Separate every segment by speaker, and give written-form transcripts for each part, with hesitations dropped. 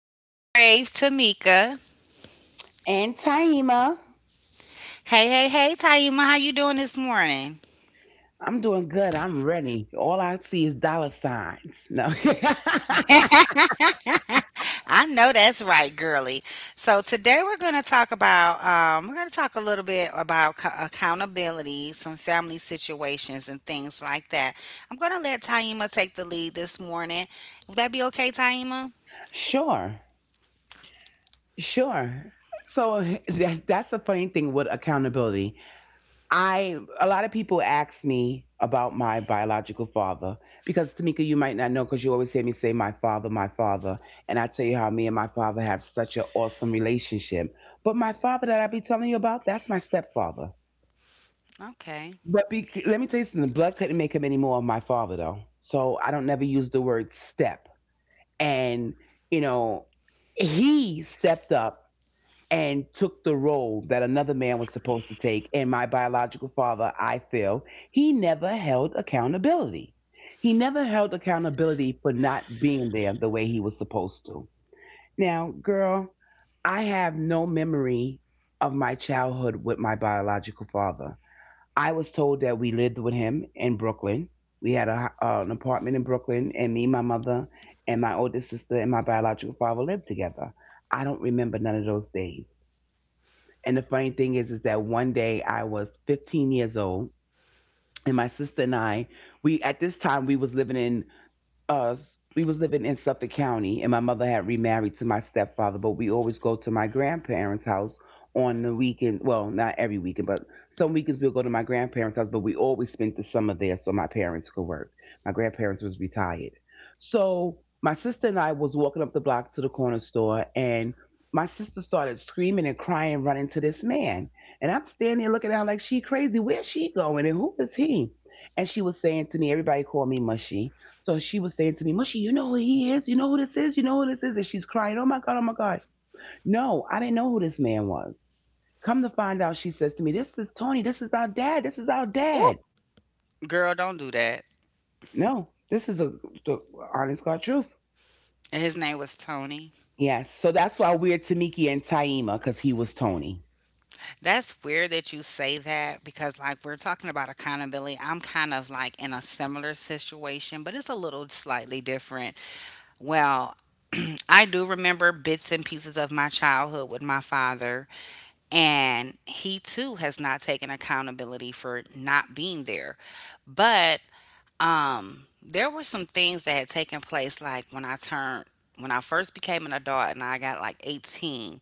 Speaker 1: It's your fave, Tamika.
Speaker 2: And Taima.
Speaker 1: Hey, hey, hey, Taima, how you doing this morning?
Speaker 2: I'm doing good. I'm ready. All I see is dollar signs. No.
Speaker 1: I know that's right, girly. So today we're going to talk about we're going to talk a little bit about accountability, some family situations, and things like that. I'm going to let Taima take the lead this morning. Would that be okay, Taima?
Speaker 2: sure. Sure. So that's the funny thing with accountability. I a lot of people ask me about my biological father because Tamika, you might not know because you always hear me say my father, and I tell you how me and my father have such an awesome relationship. But my father that I be telling you about, that's my stepfather.
Speaker 1: Okay.
Speaker 2: But be, let me tell you something. Blood couldn't make him any more of my father, though. So I don't never use the word step. And, you know, he stepped up and took the role that another man was supposed to take. And my biological father, I feel, he never held accountability. He never held accountability for not being there the way he was supposed to. Now, girl, I have no memory of my childhood with my biological father. I was told that we lived with him in Brooklyn. We had a, an apartment in Brooklyn, and me, my mother, and my oldest sister and my biological father lived together. I don't remember none of those days. And the funny thing is that one day I was 15 years old, and my sister and I, we at this time we was living in us we was living in Suffolk County, and my mother had remarried to my stepfather, but we always go to my grandparents' house on the weekend. Well, not every weekend, but some weekends we'll go to my grandparents' house, but we always spent the summer there so my parents could work. My grandparents was retired. So my sister and I was walking up the block to the corner store, and my sister started screaming and crying, running to this man. And I'm standing there looking at her like she crazy. Where's she going? And who is he? And she was saying to me, everybody called me Mushy. So she was saying to me, "Mushy, you know who he is? You know who this is? You know who this is?" And she's crying, "Oh my God, oh my God." No, I didn't know who this man was. Come to find out, she says to me, "This is Tony. This is our dad. This is our
Speaker 1: Oh,
Speaker 2: dad."
Speaker 1: girl, don't do that.
Speaker 2: No, this is a, the honest God truth.
Speaker 1: And his name was Tony.
Speaker 2: Yes. So that's why we're Tamiki and Taima because he was Tony.
Speaker 1: That's weird that you say that because, like, we're talking about accountability. I'm kind of like in a similar situation, but it's a little slightly different. Well, I do remember bits and pieces of my childhood with my father, and he too has not taken accountability for not being there. But there were some things that had taken place, like when I first became an adult and I got like 18.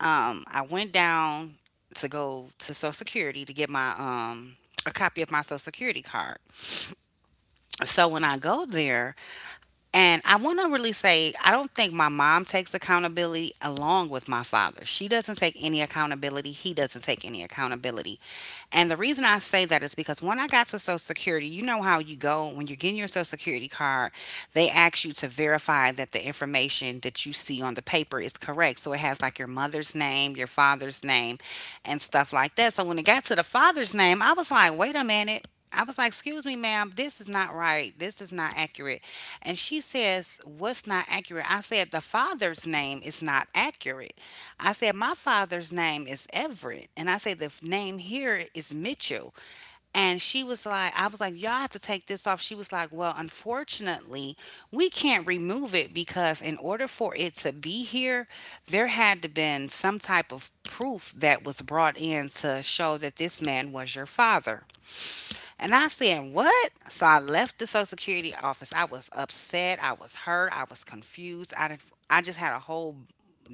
Speaker 1: I went down to go to Social Security to get my a copy of my Social Security card. So when I go there, and I want to really say, I don't think my mom takes accountability along with my father. She doesn't take any accountability. He doesn't take any accountability. And the reason I say that is because when I got to Social Security, you know how you go when you're getting your Social Security card, they ask you to verify that the information that you see on the paper is correct. So it has like your mother's name, your father's name, and stuff like that. So when it got to the father's name, I was like, wait a minute. I was like, excuse me, ma'am, this is not right. This is not accurate. And she says, "What's not accurate?" I said, "The father's name is not accurate." I said, "My father's name is Everett." And I said, "The name here is Mitchell." And I was like, "Y'all have to take this off." She was like, "Well, unfortunately, we can't remove it because in order for it to be here, there had to been some type of proof that was brought in to show that this man was your father." And I said, "What?" So I left the Social Security office. I was upset. I was hurt. I was confused. I, didn't- I just had a whole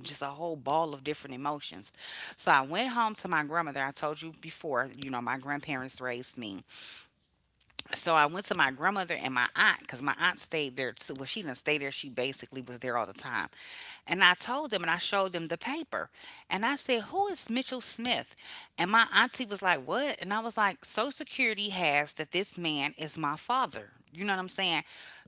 Speaker 1: just a whole ball of different emotions. So I went home to my grandmother. I told you before, you know, my grandparents raised me, so I went to my grandmother and my aunt because my aunt stayed there too. Well, she didn't stay there. She basically was there all the time. And I told them and I showed them the paper. And I said, "Who is Mitchell Smith?" And my auntie was like, "What?" And I was like, "Social Security has that this man is my father." You know what I'm saying?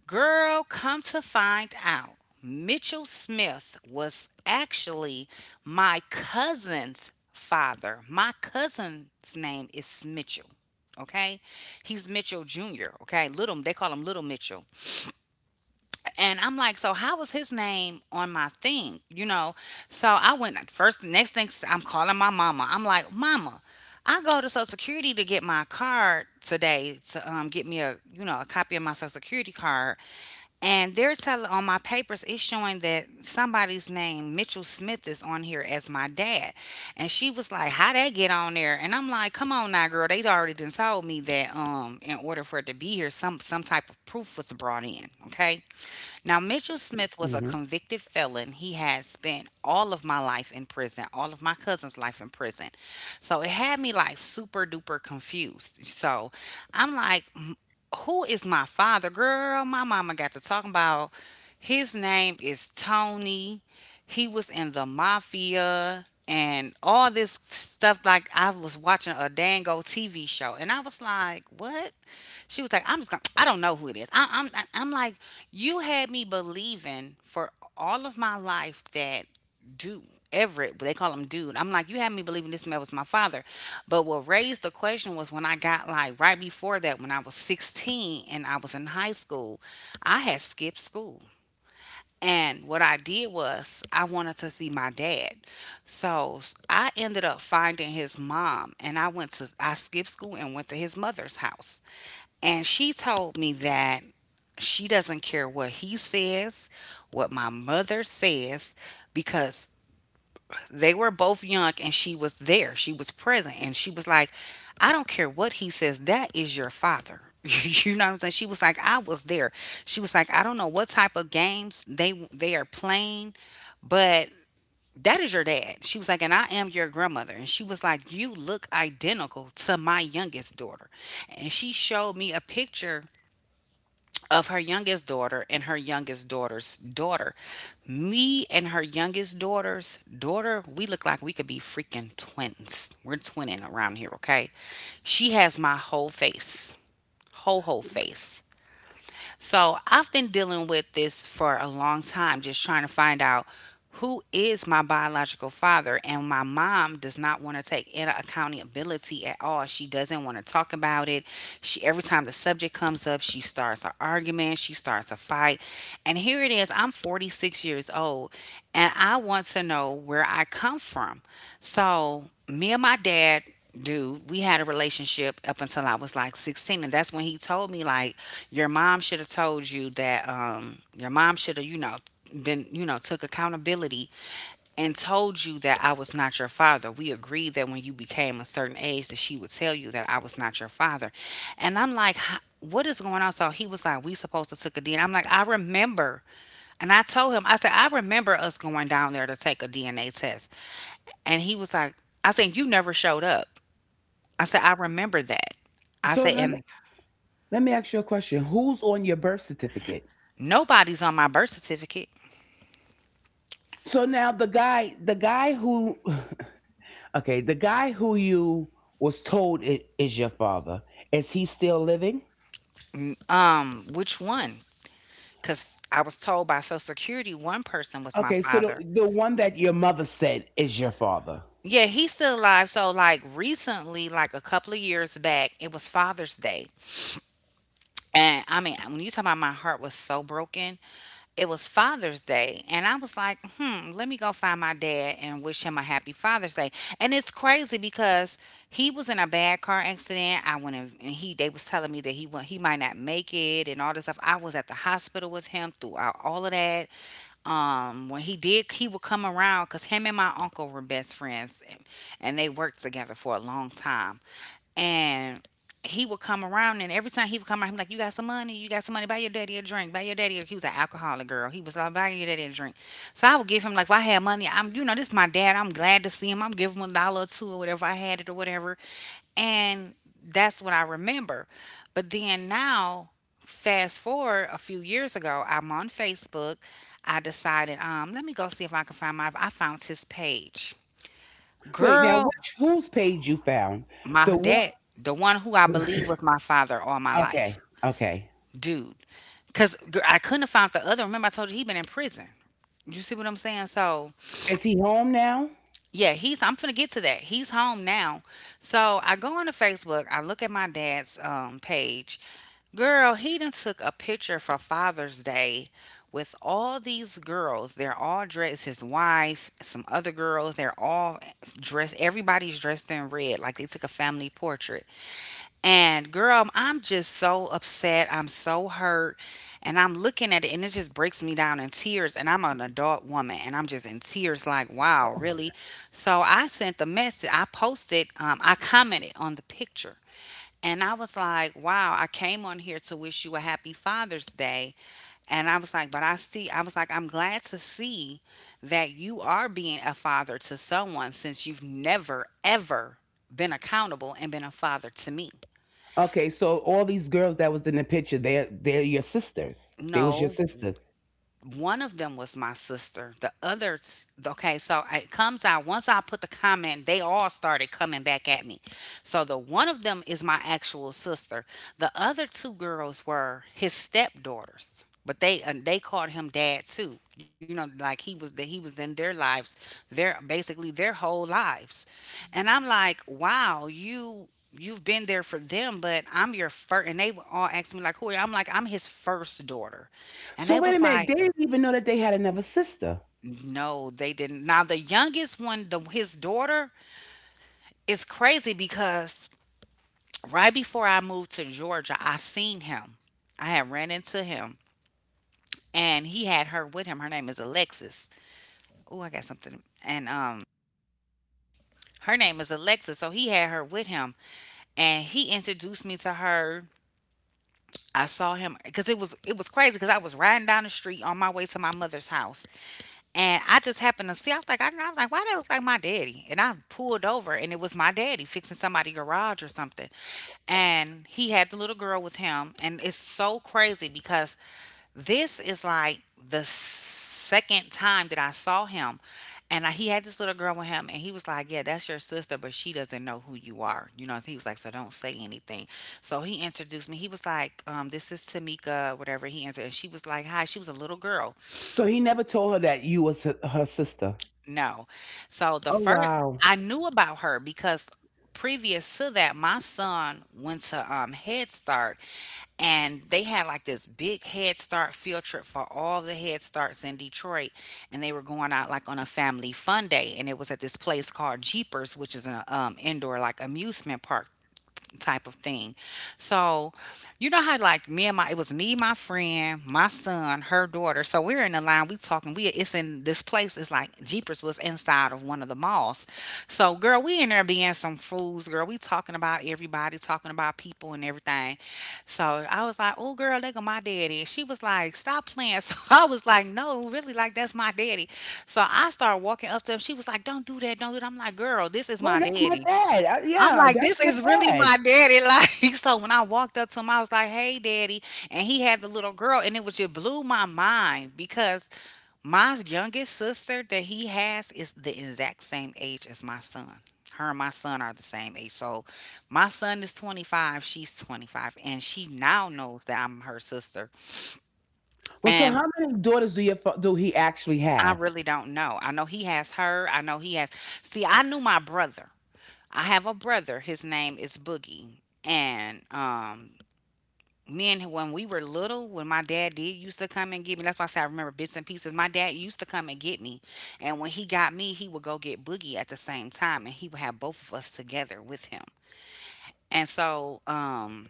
Speaker 1: Girl, come to find out. Mitchell Smith was actually my cousin's father. My cousin's name is Mitchell. Okay. He's Mitchell Jr. Okay. Little, they call him Little Mitchell. And I'm like, so how was his name on my thing? You know? So next thing I'm calling my mama. I'm like, "Mama, I go to Social Security to get my card today to get me a, you know, a copy of my Social Security card. And they're telling on my papers, it's showing that somebody's name, Mitchell Smith, is on here as my dad." And she was like, "How'd that get on there?" And I'm like, "Come on now, girl. They'd already done told me that in order for it to be here, some type of proof was brought in." Okay. Now, Mitchell
Speaker 2: Hmm.
Speaker 1: Smith was a convicted felon. He had spent all of my life in prison, all of my cousin's life in prison. So it had me like super duper confused. So I'm like, "M- who is my father?" Girl, my mama got to talking about his name is Tony. He was in the mafia and all this stuff. Like I was watching a Dango TV show, and I was like, "What?" She was like, "I'm just gonna. I don't know who it is." I, I'm. I'm like, you had me believing for all of my life that dude Everett, but they call him dude. I'm like, you had me believing this man was my father. But what raised the question was when I got like right before that, when I was 16 and I was in high school, I had skipped school. And what I did was, I wanted to see my dad. So I ended up finding his mom, and I skipped school and went to his mother's house. And she told me that she doesn't care what he says, what my mother says, because they were both young and she was there. She was present. And she was like, "I don't care what he says, that is your father." You know what I'm saying? She was like, "I was there." She was like, "I don't know what type of games they are playing, but that is your dad." She was like, "And I am your grandmother." And she was like, "You look identical to my youngest daughter." And she showed me a picture of her youngest daughter and her youngest daughter's daughter. Me and her youngest daughter's daughter, we look like we could be freaking twins. We're twinning around here, okay? She has my whole face, whole face. So I've been dealing with this for a long time, just trying to find out who is my biological father. And my mom does not want to take any accountability at all. She doesn't want to talk about it. She Every time the subject comes up, she starts an argument, she starts a fight. And here it is, I'm 46 years old and I want to know where I come from. So me and my dad dude, we had a relationship up until I was like 16. And that's when he told me, like, "Your mom should have told you that, your mom should have, you know, been, you know, took accountability and told you that I was not your father. We agreed that when you became a certain age, that she would tell you that I was not your father." And I'm like, "Huh, what is going on?" So he was like, "We supposed to took a DNA." I'm like, "I remember." And I told him, I said, "I remember us going down there to take a DNA test." And he was like, I said, "You never showed up." I said, "I remember that." I
Speaker 2: So
Speaker 1: said, and
Speaker 2: let me ask you a question. Who's on your birth certificate?
Speaker 1: nobody's on my birth certificate.
Speaker 2: So now the guy who, okay, the guy who you was told I- is your father, is he still living?
Speaker 1: Which one? Because I was told by Social Security one person was my
Speaker 2: Okay, so
Speaker 1: father."
Speaker 2: the one that your mother said is your father.
Speaker 1: Yeah, he's still alive. So, like, recently, like a couple of years back, it was Father's Day. And I mean, when you talk about my heart was so broken, it was Father's Day, and I was like, hmm, let me go find my dad and wish him a happy Father's Day. And it's crazy because he was in a bad car accident. I went and he they was telling me that he might not make it and all this stuff. I was at the hospital with him throughout all of that, when he did. He would come around because him and my uncle were best friends, and they worked together for a long time. And he would come around, and every time he would come around, he was like, "You got some money? You got some money? Buy your daddy a drink. Buy your daddy a-" He was an alcoholic, girl. He was like, "Buy your daddy a drink." So I would give him, like, if I had money, I'm, you know, this is my dad, I'm glad to see him. I'm giving him a dollar or two or whatever I had it or whatever. And that's what I remember. But then now, fast forward a few years ago, I'm on Facebook. I decided, let me go see if I can find my I found his page.
Speaker 2: Wait, now
Speaker 1: Girl,
Speaker 2: which whose page you found?
Speaker 1: my
Speaker 2: The one.
Speaker 1: dad, the one who I believe was my father all my life.
Speaker 2: Okay, okay.
Speaker 1: Dude. Cause I couldn't have found the other. Remember, I told you he been in prison. You see what I'm saying? So
Speaker 2: Is he home now?
Speaker 1: yeah, he's I'm finna get to that. He's home now. So I go on to Facebook, I look at my dad's page. Girl, he done took a picture for Father's Day with all these girls. They're all dressed. His wife, some other girls. They're all dressed. Everybody's dressed in red, like they took a family portrait. And girl, I'm just so upset. I'm so hurt. And I'm looking at it and it just breaks me down in tears. And I'm an adult woman and I'm just in tears like, wow, really? So I sent the message. I posted, I commented on the picture. And I was like, wow, I came on here to wish you a happy Father's Day. And I was like, but I see, I was like, I'm glad to see that you are being a father to someone since you've never, ever been accountable and been a father to me.
Speaker 2: Okay, so all these girls that was in the picture, they're your sisters. They was your
Speaker 1: No,
Speaker 2: sisters.
Speaker 1: one of them was my sister. The others, okay, so it comes out once I put the comment, they all started coming back at me. So the one of them is my actual sister. The other two girls were his stepdaughters, but they called him dad too. You know, like he was in their lives, their basically their whole lives. And I'm like, wow, you've been there for them, but I'm your first. And they were all asking me like, who are you? I'm like, I'm his first daughter, and
Speaker 2: So
Speaker 1: they
Speaker 2: wait a
Speaker 1: was
Speaker 2: minute, they
Speaker 1: like,
Speaker 2: didn't even know that they had another sister.
Speaker 1: no, they didn't. Now the youngest one, the his daughter, is crazy because right before I moved to Georgia, I seen him. I had ran into him and he had her with him. Her name is Alexis. Oh, I got something. And her name is Alexis, so he had her with him and he introduced me to her. I saw him because it was crazy because I was riding down the street on my way to my mother's house. And I just happened to see, I was like, I was like, why that look like my daddy? And I pulled over and it was my daddy fixing somebody's garage or something. And he had the little girl with him. And it's so crazy because this is like the second time that I saw him. And I, he had this little girl with him, and he was like, "Yeah, that's your sister, but she doesn't know who you are." You know, he was like, "So don't say anything." So he introduced me. He was like, "This is Tamika, whatever." He answered, and she was like, "Hi." She was a little girl.
Speaker 2: So he never told her that you was her, her sister.
Speaker 1: No. So the
Speaker 2: Oh
Speaker 1: first I
Speaker 2: wow.
Speaker 1: knew about her because previous to that, my son went to Head Start and they had like this big Head Start field trip for all the Head Starts in Detroit. And they were going out like on a family fun day. And it was at this place called Jeepers, which is an indoor like amusement park type of thing. So, you know how like me and my it was me, my friend, my son, her daughter. So we're in the line, we talking, we it's in this place, it's like Jeepers was inside of one of the malls. So girl, we in there being some fools, girl. We talking about everybody, talking about people and everything. So I was like, oh girl, look at my daddy. And she was like, stop playing. So I was like, no, really, like that's my daddy. So I started walking up to him. She was like, don't do that, don't do that. I'm like, girl, this is
Speaker 2: Well,
Speaker 1: my
Speaker 2: that's my
Speaker 1: daddy.
Speaker 2: dad. I,
Speaker 1: I'm
Speaker 2: yeah,
Speaker 1: like,
Speaker 2: that's
Speaker 1: this
Speaker 2: my
Speaker 1: is really
Speaker 2: dad.
Speaker 1: my daddy. Like, so when I walked up to him, I was like, hey, daddy. And he had the little girl, and it was just blew my mind because my youngest sister that he has is the exact same age as my son. Her and my son are the same age. So my son is 25, she's 25, and she now knows that I'm her sister.
Speaker 2: Well, so how
Speaker 1: And
Speaker 2: many daughters do your fa- do he actually
Speaker 1: I
Speaker 2: have?
Speaker 1: really don't know. I know he has her. I know he has. See, I knew my brother. I have a brother. His name is Boogie. And me and when we were little, when my dad did used to come and get me, that's why I say I remember bits and pieces. My dad used to come and get me, and when he got me, he would go get Boogie at the same time, and he would have both of us together with him. And so, um,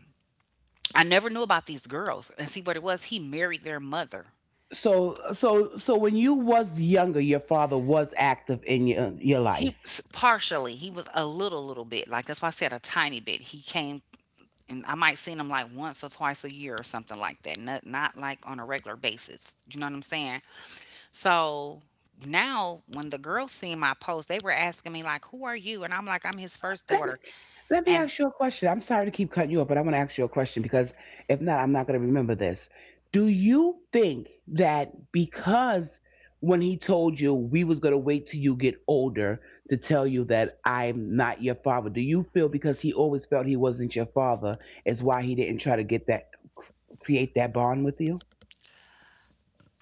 Speaker 1: I never knew about these girls, and see what it was. He married their mother.
Speaker 2: So so so when you was younger, your father was active in your life.
Speaker 1: Partially, he was a little, little bit, like that's why I said a tiny bit. He came, and I might seen him like once or twice a year or something like that. Not, not like on a regular basis. You know what I'm saying? So now when the girls seen my post, they were asking me like, "Who are you?" And I'm like, "I'm his first
Speaker 2: Let me,
Speaker 1: daughter."
Speaker 2: let me
Speaker 1: And
Speaker 2: ask you a question. I'm sorry to keep cutting you up, but I'm going to ask you a question because if not, I'm not going to remember this. Do you think that because when he told you we was going to wait till you get older to tell you that I'm not your father, do you feel because he always felt he wasn't your father is why he didn't try to get that create that bond with you?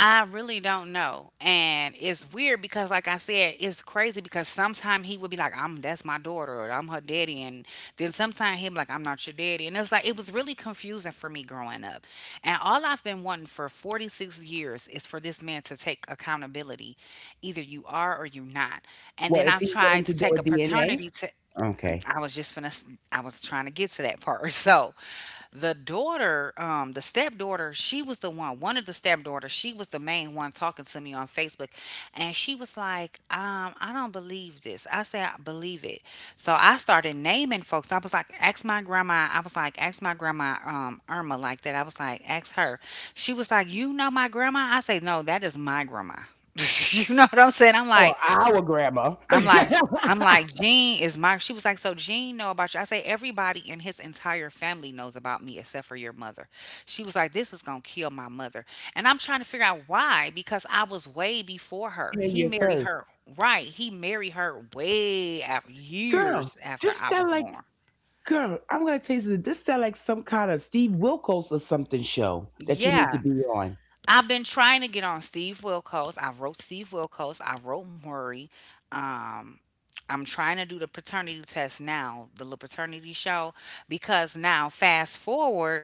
Speaker 1: I really don't know. And it's weird because like I said, it's crazy because sometimes he would be like, "I'm that's my daughter," or "I'm her daddy." And then sometimes he'd be like, "I'm not your daddy." And it's like it was really confusing for me growing up. And all I've been wanting for 46 years is for this man to take accountability. Either you are or you not. And
Speaker 2: Well,
Speaker 1: then
Speaker 2: is
Speaker 1: I
Speaker 2: he willing
Speaker 1: tried
Speaker 2: to
Speaker 1: to
Speaker 2: do a
Speaker 1: take a paternity to—
Speaker 2: DNA? Okay.
Speaker 1: I was just finna, I was trying to get to that part. So, the daughter, the stepdaughter, she was the one, one of the stepdaughters, she was the main one talking to me on Facebook. And she was like, I don't believe this. I said, I believe it. So I started naming folks. I was like, ask my grandma. I was like, ask my grandma, Irma like that. I was like, ask her. She was like, you know my grandma? I say, no, that is my grandma. You know what I'm saying?
Speaker 2: Or our grandma.
Speaker 1: I'm
Speaker 2: and
Speaker 1: like, I'm like, Jean is my— she was like, so Jean know about you. I say everybody in his entire family knows about me except for your mother. She was like, this is gonna kill my mother, and I'm trying to figure out why because I was way before her. He
Speaker 2: you
Speaker 1: married
Speaker 2: first.
Speaker 1: her, right? He married her way after,
Speaker 2: Girl,
Speaker 1: years after
Speaker 2: just
Speaker 1: I
Speaker 2: sound
Speaker 1: was
Speaker 2: like
Speaker 1: born.
Speaker 2: girl, I'm gonna tell you something. This sound like some kind of Steve Wilkos or something show that you need to
Speaker 1: Yeah,
Speaker 2: be on.
Speaker 1: I've been trying to get on Steve Wilkos. I wrote Steve Wilkos. I wrote Murray. Um, I'm trying to do the paternity test now, the little paternity show, because now fast forward.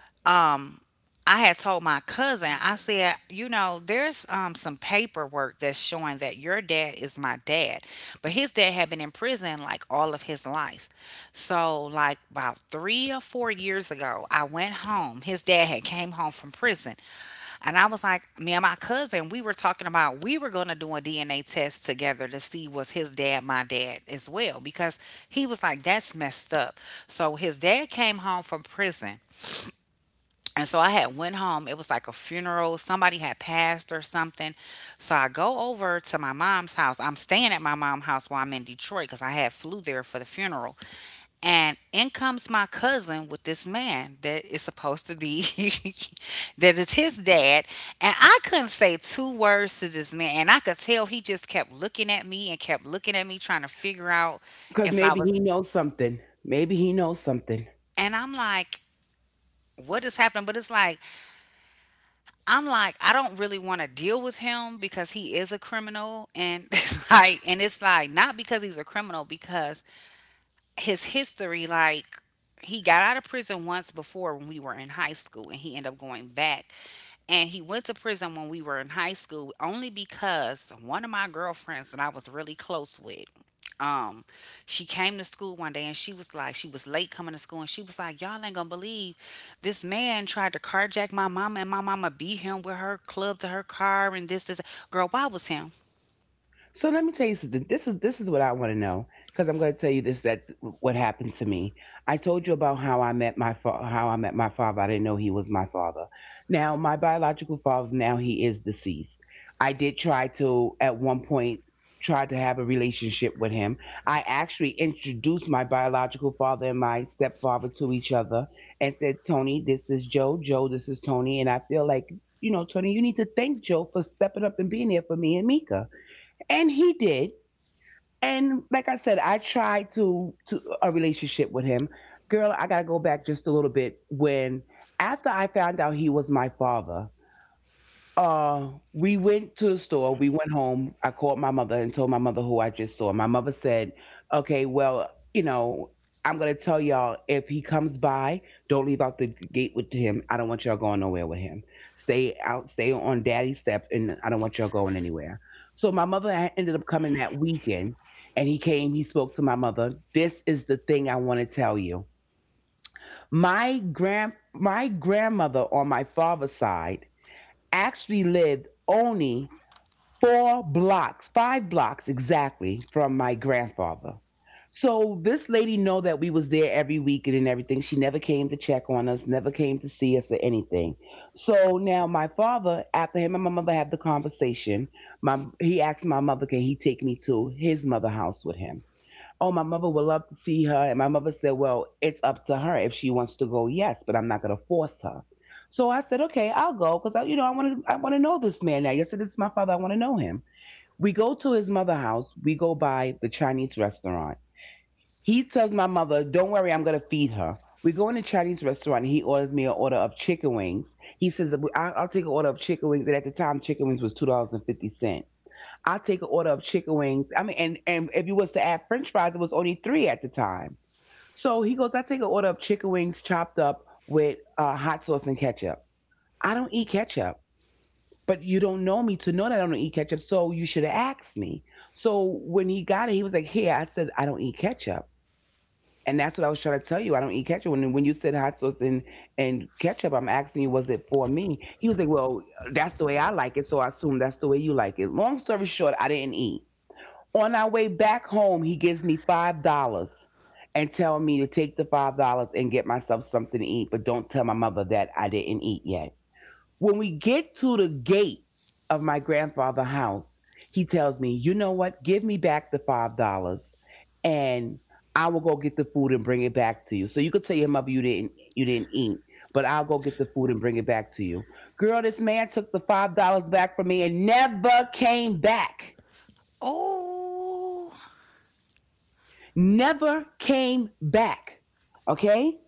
Speaker 1: um, I had told my cousin, I said, you know, there's some paperwork that's showing that your dad is my dad. But his dad had been in prison like all of his life. So, like about three or four years ago, I went home. His dad had came home from prison. And I was like, me and my cousin, we were talking about we were going to do a DNA test together to see was his dad my dad as well because he was like, that's messed up. So his dad came home from prison and so I had went home. It was like a funeral. Somebody had passed or something. So I go over to my mom's house. I'm staying at my mom's house while I'm in Detroit because I had flew there for the funeral. And in comes my cousin with this man that is supposed to be— that is his dad. And I couldn't say two words to this man. And I could tell he just kept looking at me and kept looking at me trying to figure out
Speaker 2: Because
Speaker 1: if I
Speaker 2: maybe
Speaker 1: was—
Speaker 2: he knows something. Maybe he knows something.
Speaker 1: and I'm like, what is happening? But it's like I'm like, I don't really want to deal with him because he is a criminal, and it's like, and it's like not because he's a criminal, because his history, like he got out of prison once before when we were in high school and he ended up going back, and he went to prison when we were in high school only because one of my girlfriends that I was really close with, um, she came to school one day and she was like, she was late coming to school and she was like, y'all ain't gonna believe this man tried to carjack my mama and my mama beat him with her club to her car and this, this. Girl, why was him?
Speaker 2: So let me tell you something. This is what I want to know because I'm going to tell you this that what happened to me. I told you about how I met my fa- how I met my father. I didn't know he was my father. Now my biological father now he is deceased. I did try to at one point try to have a relationship with him. I actually introduced my biological father and my stepfather to each other and said, "Tony, this is Joe. Joe, this is Tony." And I feel like you know, Tony, you need to thank Joe for stepping up and being there for me and Mika, and he did. And like I said, I tried to a relationship with him. Girl, I gotta go back just a little bit when after I found out he was my father. We went to the store. We went home. I called my mother and told my mother who I just saw. My mother said, "Okay, well, you know, I'm gonna tell y'all if he comes by, don't leave out the gate with him. I don't want y'all going nowhere with him. Stay out, stay on daddy's steps, and I don't want y'all going anywhere." So my mother ha- ended up coming that weekend, and he came. He spoke to my mother. This is the thing I want to tell you. My grandmother on my father's side actually lived only four blocks, five blocks exactly from my grandfather. So this lady know that we was there every weekend and everything. She never came to check on us, never came to see us or anything. So now my father, after him and my mother had the conversation, my he asked my mother, can he take me to his mother house with him? Oh, my mother would love to see her. And my mother said, well, it's up to her. If she wants to go, yes, but I'm not going to force her. So I said, okay, I'll go because I, you know, I want to know this man now. Yes, it is my father. I want to know him. We go to his mother's house. We go by the Chinese restaurant. He tells my mother, don't worry, I'm going to feed her. We go in the Chinese restaurant. And he orders me an order of chicken wings. He says, I- I'll take an order of chicken wings. And at the time, chicken wings was $2.50. I'll take an order of chicken wings. I mean, and if you was to add french fries, it was only three at the time. So he goes, I take an order of chicken wings chopped up with hot sauce and ketchup. I don't eat ketchup, but you don't know me to know that I don't eat ketchup, so you should have asked me. So when he got it, he was like, "Here." I said, "I don't eat ketchup. And that's what I was trying to tell you. I don't eat ketchup. When you said hot sauce and ketchup, I'm asking you, was it for me?" He was like, "Well, that's the way I like it, so I assume that's the way you like it." Long story short, I didn't eat. On our way back home, he gives me $5 and tells me to take the $5 and get myself something to eat, but don't tell my mother that I didn't eat yet. When we get to the gate of my grandfather's house, he tells me, "You know what? Give me back the $5, and I will go get the food and bring it back to you. So you could tell your mother you didn't eat, but I'll go get the food and bring it back to you." Girl, this man took the $5 back from me and never came back.
Speaker 1: Oh,
Speaker 2: Never came back. Okay?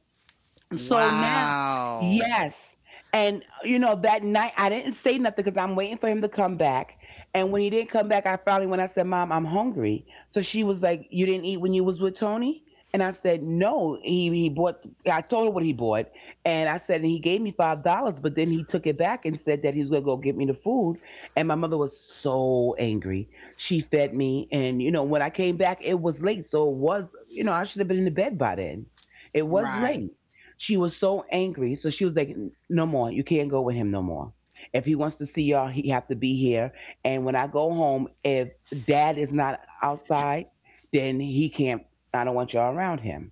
Speaker 2: So now,
Speaker 1: wow.
Speaker 2: yes. And, you know, that night I didn't say nothing because I'm waiting for him to come back. And when he didn't come back, I finally, when I said, "Mom, I'm hungry." So she was like, "You didn't eat when you was with Tony?" And I said, "No, he bought," I told her what he bought. And I said, "And he gave me $5, but then he took it back and said that he was going to go get me the food." And my mother was so angry. She fed me. And, you know, when I came back, it was late. So it was, you know, I should have been in the bed by then. It was
Speaker 1: Right.
Speaker 2: late. She was so angry, so she was like, "No more. You can't go with him no more. If he wants to see y'all, he have to be here. And when I go home, if Dad is not outside, then he can't. I don't want y'all around him."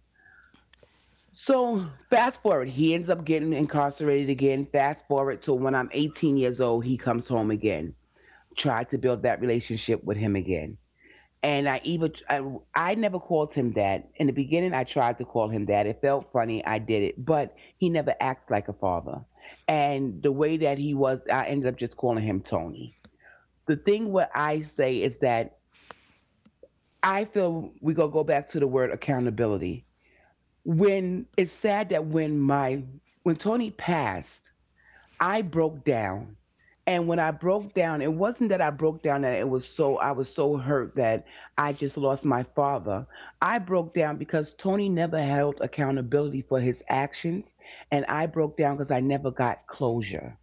Speaker 2: So fast forward, he ends up getting incarcerated again. Fast forward to when I'm 18 years old, he comes home again. Tried to build that relationship with him again. And I never called him that. In the beginning, I tried to call him that. It felt funny. I did it, but he never acted like a father. And the way that he was, I ended up just calling him Tony. The thing what I say is that I feel we gonna go back to the word accountability. When it's sad that when my when Tony passed, I broke down. And when I broke down, it wasn't that I broke down that it was so I was so hurt that I just lost my father. I broke down because Tony never held accountability for his actions, and I broke down because I never got closure.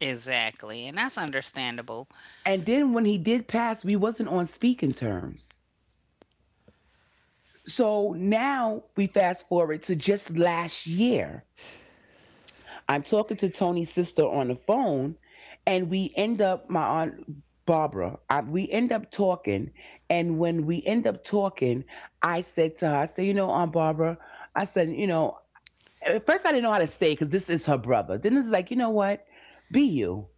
Speaker 1: Exactly. And that's understandable.
Speaker 2: And then when he did pass, we wasn't on speaking terms. So now we fast forward to just last year. I'm talking to Tony's sister on the phone, and we end up my aunt Barbara. We end up talking, and when we end up talking, I said to her, I said, you know, Aunt Barbara, I said, you know, at first I didn't know how to say because this is her brother. Then it's like, you know what, be you.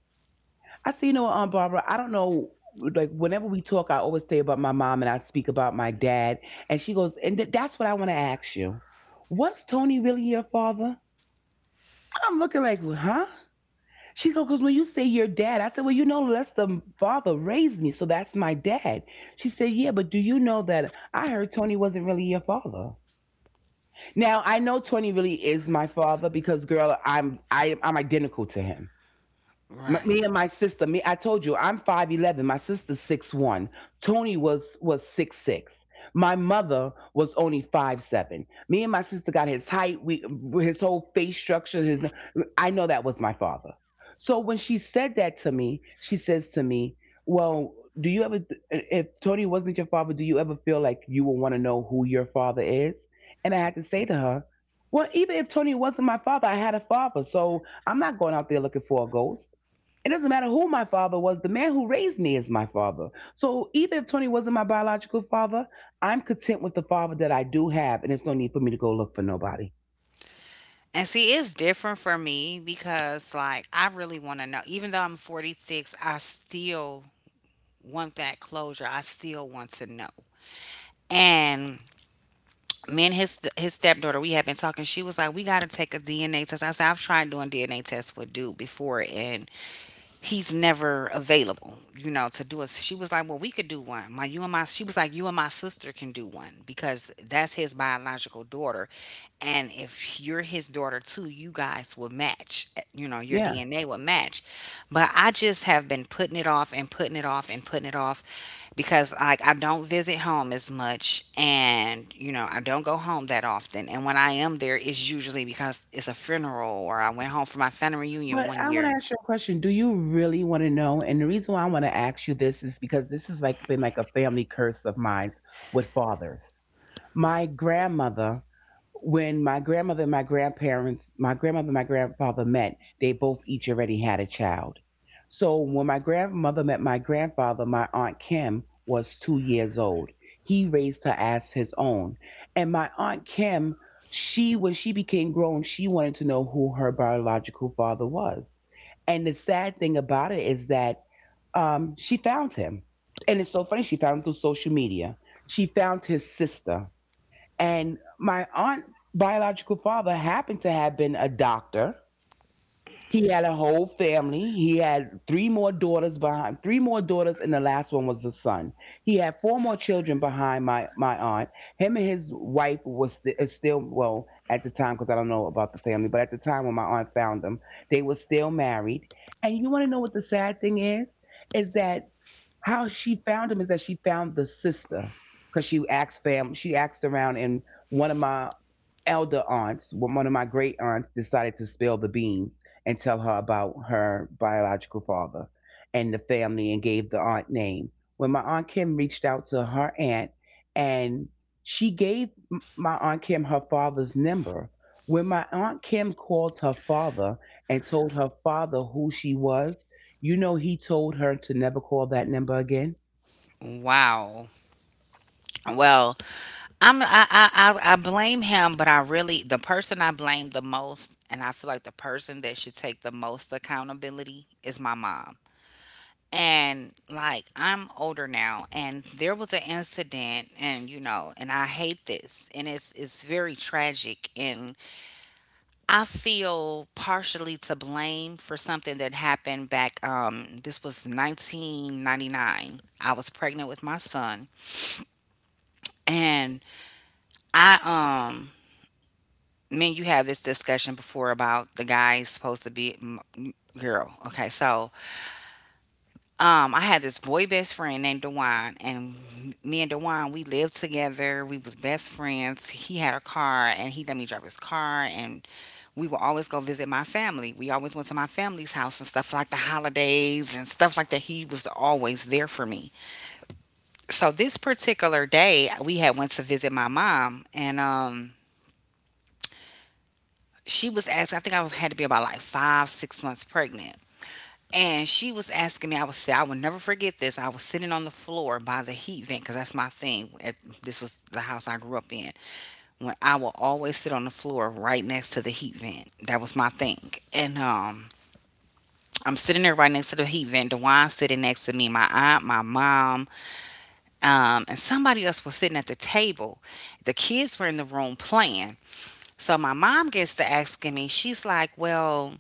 Speaker 2: I said, you know what, Aunt Barbara, I don't know. Like whenever we talk, I always say about my mom and I speak about my dad. And she goes, and that's what I want to ask you. Was Tony really your father? I'm looking like, huh? She goes, because when you say your dad, I said, well, you know, that's the father raised me, so that's my dad. She said, yeah, but do you know that I heard Tony wasn't really your father? Now I know Tony really is my father because, girl, I'm identical to him.
Speaker 1: Right.
Speaker 2: Me and my sister me I told you I'm 5'11", my sister's 6'1". Tony was 6'6". My mother was only 5'7". Me and my sister got his height. We his whole face structure his I know that was my father. So when she said that to me, she says to me, well, do you ever, if Tony wasn't your father, do you ever feel like you would want to know who your father is? And I had to say to her, well, even if Tony wasn't my father, I had a father, so I'm not going out there looking for a ghost. It doesn't matter who my father was, the man who raised me is my father. So even if Tony wasn't my biological father, I'm content with the father that I do have, and there's no need for me to go look for nobody.
Speaker 1: And see, it's different for me because, like, I really want to know. Even though I'm 46, I still want that closure. I still want to know. And me and his stepdaughter, we had been talking. She was like, "We got to take a DNA test." I said, "I've tried doing DNA tests with dude before, and he's never available, you know, to do us." She was like, well, we could do one. My you and my she was like, you and my sister can do one because that's his biological daughter. And if you're his daughter too, you guys will match. You know, your
Speaker 2: Yeah.
Speaker 1: DNA will match. But I just have been putting it off and putting it off and putting it off because I don't visit home as much, and I don't go home that often. And when I am there, it's usually because it's a funeral, or I went home for my family reunion
Speaker 2: But
Speaker 1: one
Speaker 2: I want to
Speaker 1: year.
Speaker 2: ask you a question. Do you really want to know? And the reason why I want to ask you this is because this has like been like a family curse of mine with fathers. My grandmother, when my grandmother and my grandparents my grandmother and my grandfather met, they both each already had a child. So when my grandmother met my grandfather, my aunt Kim was 2 years old. He raised her as his own. And my aunt Kim, she when she became grown, she wanted to know who her biological father was. And the sad thing about it is that she found him. And it's so funny, she found him through social media. She found his sister. And my aunt biological father happened to have been a doctor. He had a whole family. He had three more daughters, and the last one was the son. He had four more children behind my aunt. Him and his wife was is still, well, at the time, cuz I don't know about the family, but at the time when my aunt found them, they were still married. And you want to know what the sad thing is? Is that how she found him is that she found the sister because she asked around, and one of my one of my great aunts, decided to spill the beans and tell her about her biological father and the family, and gave the aunt name. When my aunt Kim reached out to her aunt, and she gave my aunt Kim her father's number. When my aunt Kim called her father and told her father who she was, you know he told her to never call that number again.
Speaker 1: Wow. Well, I blame him, but I really — the person I blame the most, and I feel like the person that should take the most accountability, is my mom. And like I'm older now, and there was an incident, and and I hate this, and it's very tragic, and I feel partially to blame for something that happened back. This was 1999. I was pregnant with my son, and I um me and you have this discussion before about the guy supposed to be girl. Okay, so I had this boy best friend named Dewan, and me and Dewan we lived together. We was best friends. He had a car, and he let me drive his car, and we would always go visit my family. We always went to my family's house and stuff like the holidays and stuff like that. He was always there for me. So this particular day, we had went to visit my mom, and she was asking. I think I was had to be about like five, 6 months pregnant. And she was asking me. I will never forget this. I was sitting on the floor by the heat vent, because that's my thing. This was the house I grew up in. When I will always sit on the floor right next to the heat vent. That was my thing. And I'm sitting there right next to the heat vent. Dewan's sitting next to me, my aunt, my mom, and somebody else was sitting at the table. The kids were in the room playing. So my mom gets to asking me, she's like, "Well,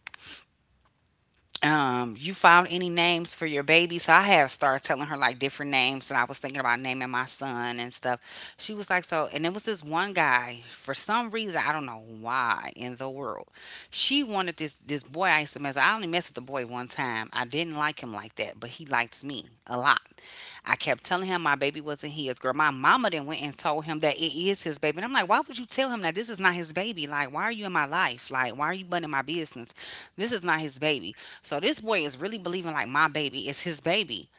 Speaker 1: you found any names for your baby?" So I had started telling her like different names, and I was thinking about naming my son and stuff. She was like, so — and it was this one guy. For some reason, I don't know why in the world she wanted this boy I used to mess with. I only messed with the boy one time. I didn't like him like that, but he liked me a lot. I kept telling him my baby wasn't his, girl. My mama then went and told him that it is his baby. And I'm like, why would you tell him that this is not his baby? Like, why are you in my life? Like, why are you butting in my business? This is not his baby. So this boy is really believing like my baby is his baby.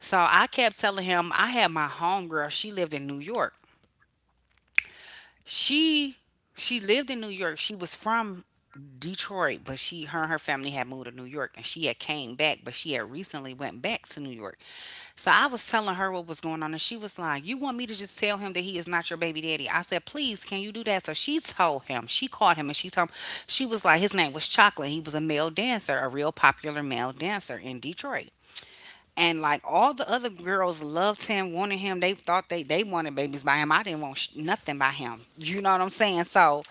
Speaker 1: So I kept telling him, I had my homegirl. She lived in New York. She she lived in New York. She was from Detroit, but she her and her family had moved to New York, and she had came back, but she had recently went back to New York. So I was telling her what was going on, and she was like, "You want me to just tell him that he is not your baby daddy?" I said, "Please, can you do that?" So she told him, she called him, and she told him. She was like — his name was Chocolate. He was a male dancer, a real popular male dancer in Detroit. And like all the other girls loved him, wanted him. They thought they — wanted babies by him. I didn't want nothing by him. You know what I'm saying? So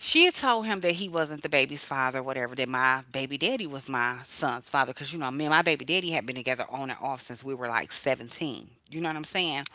Speaker 1: she had told him that he wasn't the baby's father, whatever, that my baby daddy was my son's father. Because, you know, me and my baby daddy had been together on and off since we were like 17. You know what I'm saying?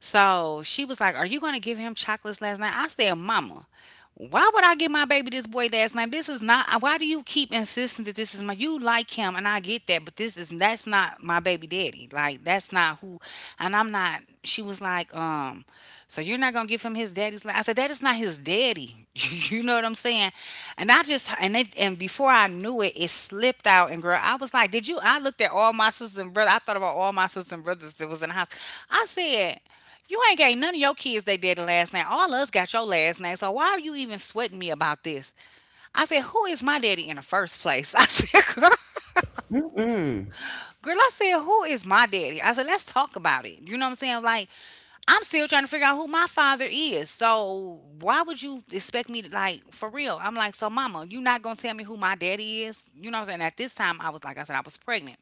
Speaker 1: So she was like, "Are you going to give him Chocolate's last night?" I said, "Mama, why would I give my baby this boy last name? This is not — why do you keep insisting that this is my? You like him, and I get that, but this is — that's not my baby daddy. Like, that's not who. And I'm not." She was like, "So you're not gonna give him his daddy's land?" I said, "That is not his daddy." You know what I'm saying? And I just — and it — and before I knew it, it slipped out. And girl, I was like, did you? I looked at all my sisters and brothers. I thought about all my sisters and brothers that was in the house. I said, "You ain't gave none of your kids they daddy last name. All us got your last name. So why are you even sweating me about this?" I said, "Who is my daddy in the first place?" I said, "Girl.
Speaker 2: Mm-mm.
Speaker 1: Girl," I said, "who is my daddy?" I said, "Let's talk about it." You know what I'm saying? Like, I'm still trying to figure out who my father is. So why would you expect me to, like, for real? I'm like, "So mama, you not gonna tell me who my daddy is?" You know what I'm saying? At this time, I said, I was pregnant.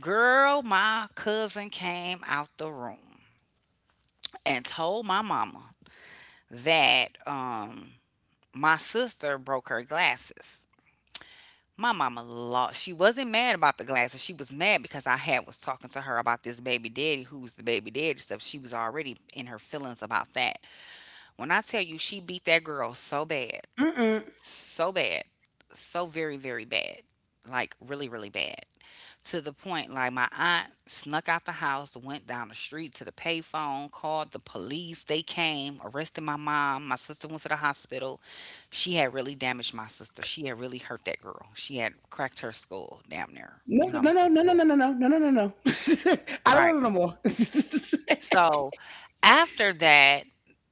Speaker 1: Girl, my cousin came out the room and told my mama that my sister broke her glasses. My mama lost. She wasn't mad about the glasses. She was mad because I had was talking to her about this baby daddy, who was the baby daddy stuff. She was already in her feelings about that. When I tell you she beat that girl so bad,
Speaker 2: Mm-mm.
Speaker 1: so bad, so very, very bad. Like, really, really bad. To the point like my aunt snuck out the house, went down the street to the payphone, called the police. They came, arrested my mom. My sister went to the hospital. She had really damaged my sister. She had really hurt that girl. She had cracked her skull damn near.
Speaker 2: No,
Speaker 1: You know
Speaker 2: no,
Speaker 1: what
Speaker 2: no,
Speaker 1: I'm
Speaker 2: no, no, no, no, no, no, no, no, no. I don't
Speaker 1: saying?
Speaker 2: want it no more.
Speaker 1: So, after that,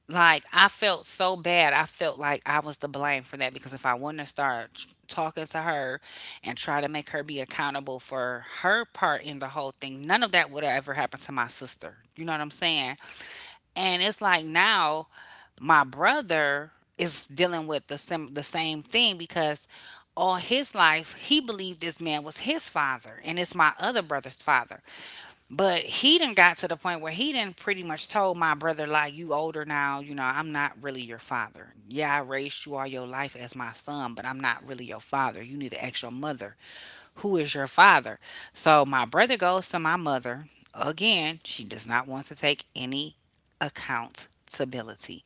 Speaker 1: like, I felt so bad. I felt like I was the blame for that, because if I wouldn't have started talking to her and try to make her be accountable for her part in the whole thing, none of that would have ever happened to my sister. You know what I'm saying? And it's like now my brother is dealing with the same thing, because all his life he believed this man was his father, and it's my other brother's father. But he done got to the point where he done pretty much told my brother, like, "You older now. You know, I'm not really your father. Yeah, I raised you all your life as my son, but I'm not really your father. You need to ask your mother, who is your father?" So my brother goes to my mother. Again, she does not want to take any accountability.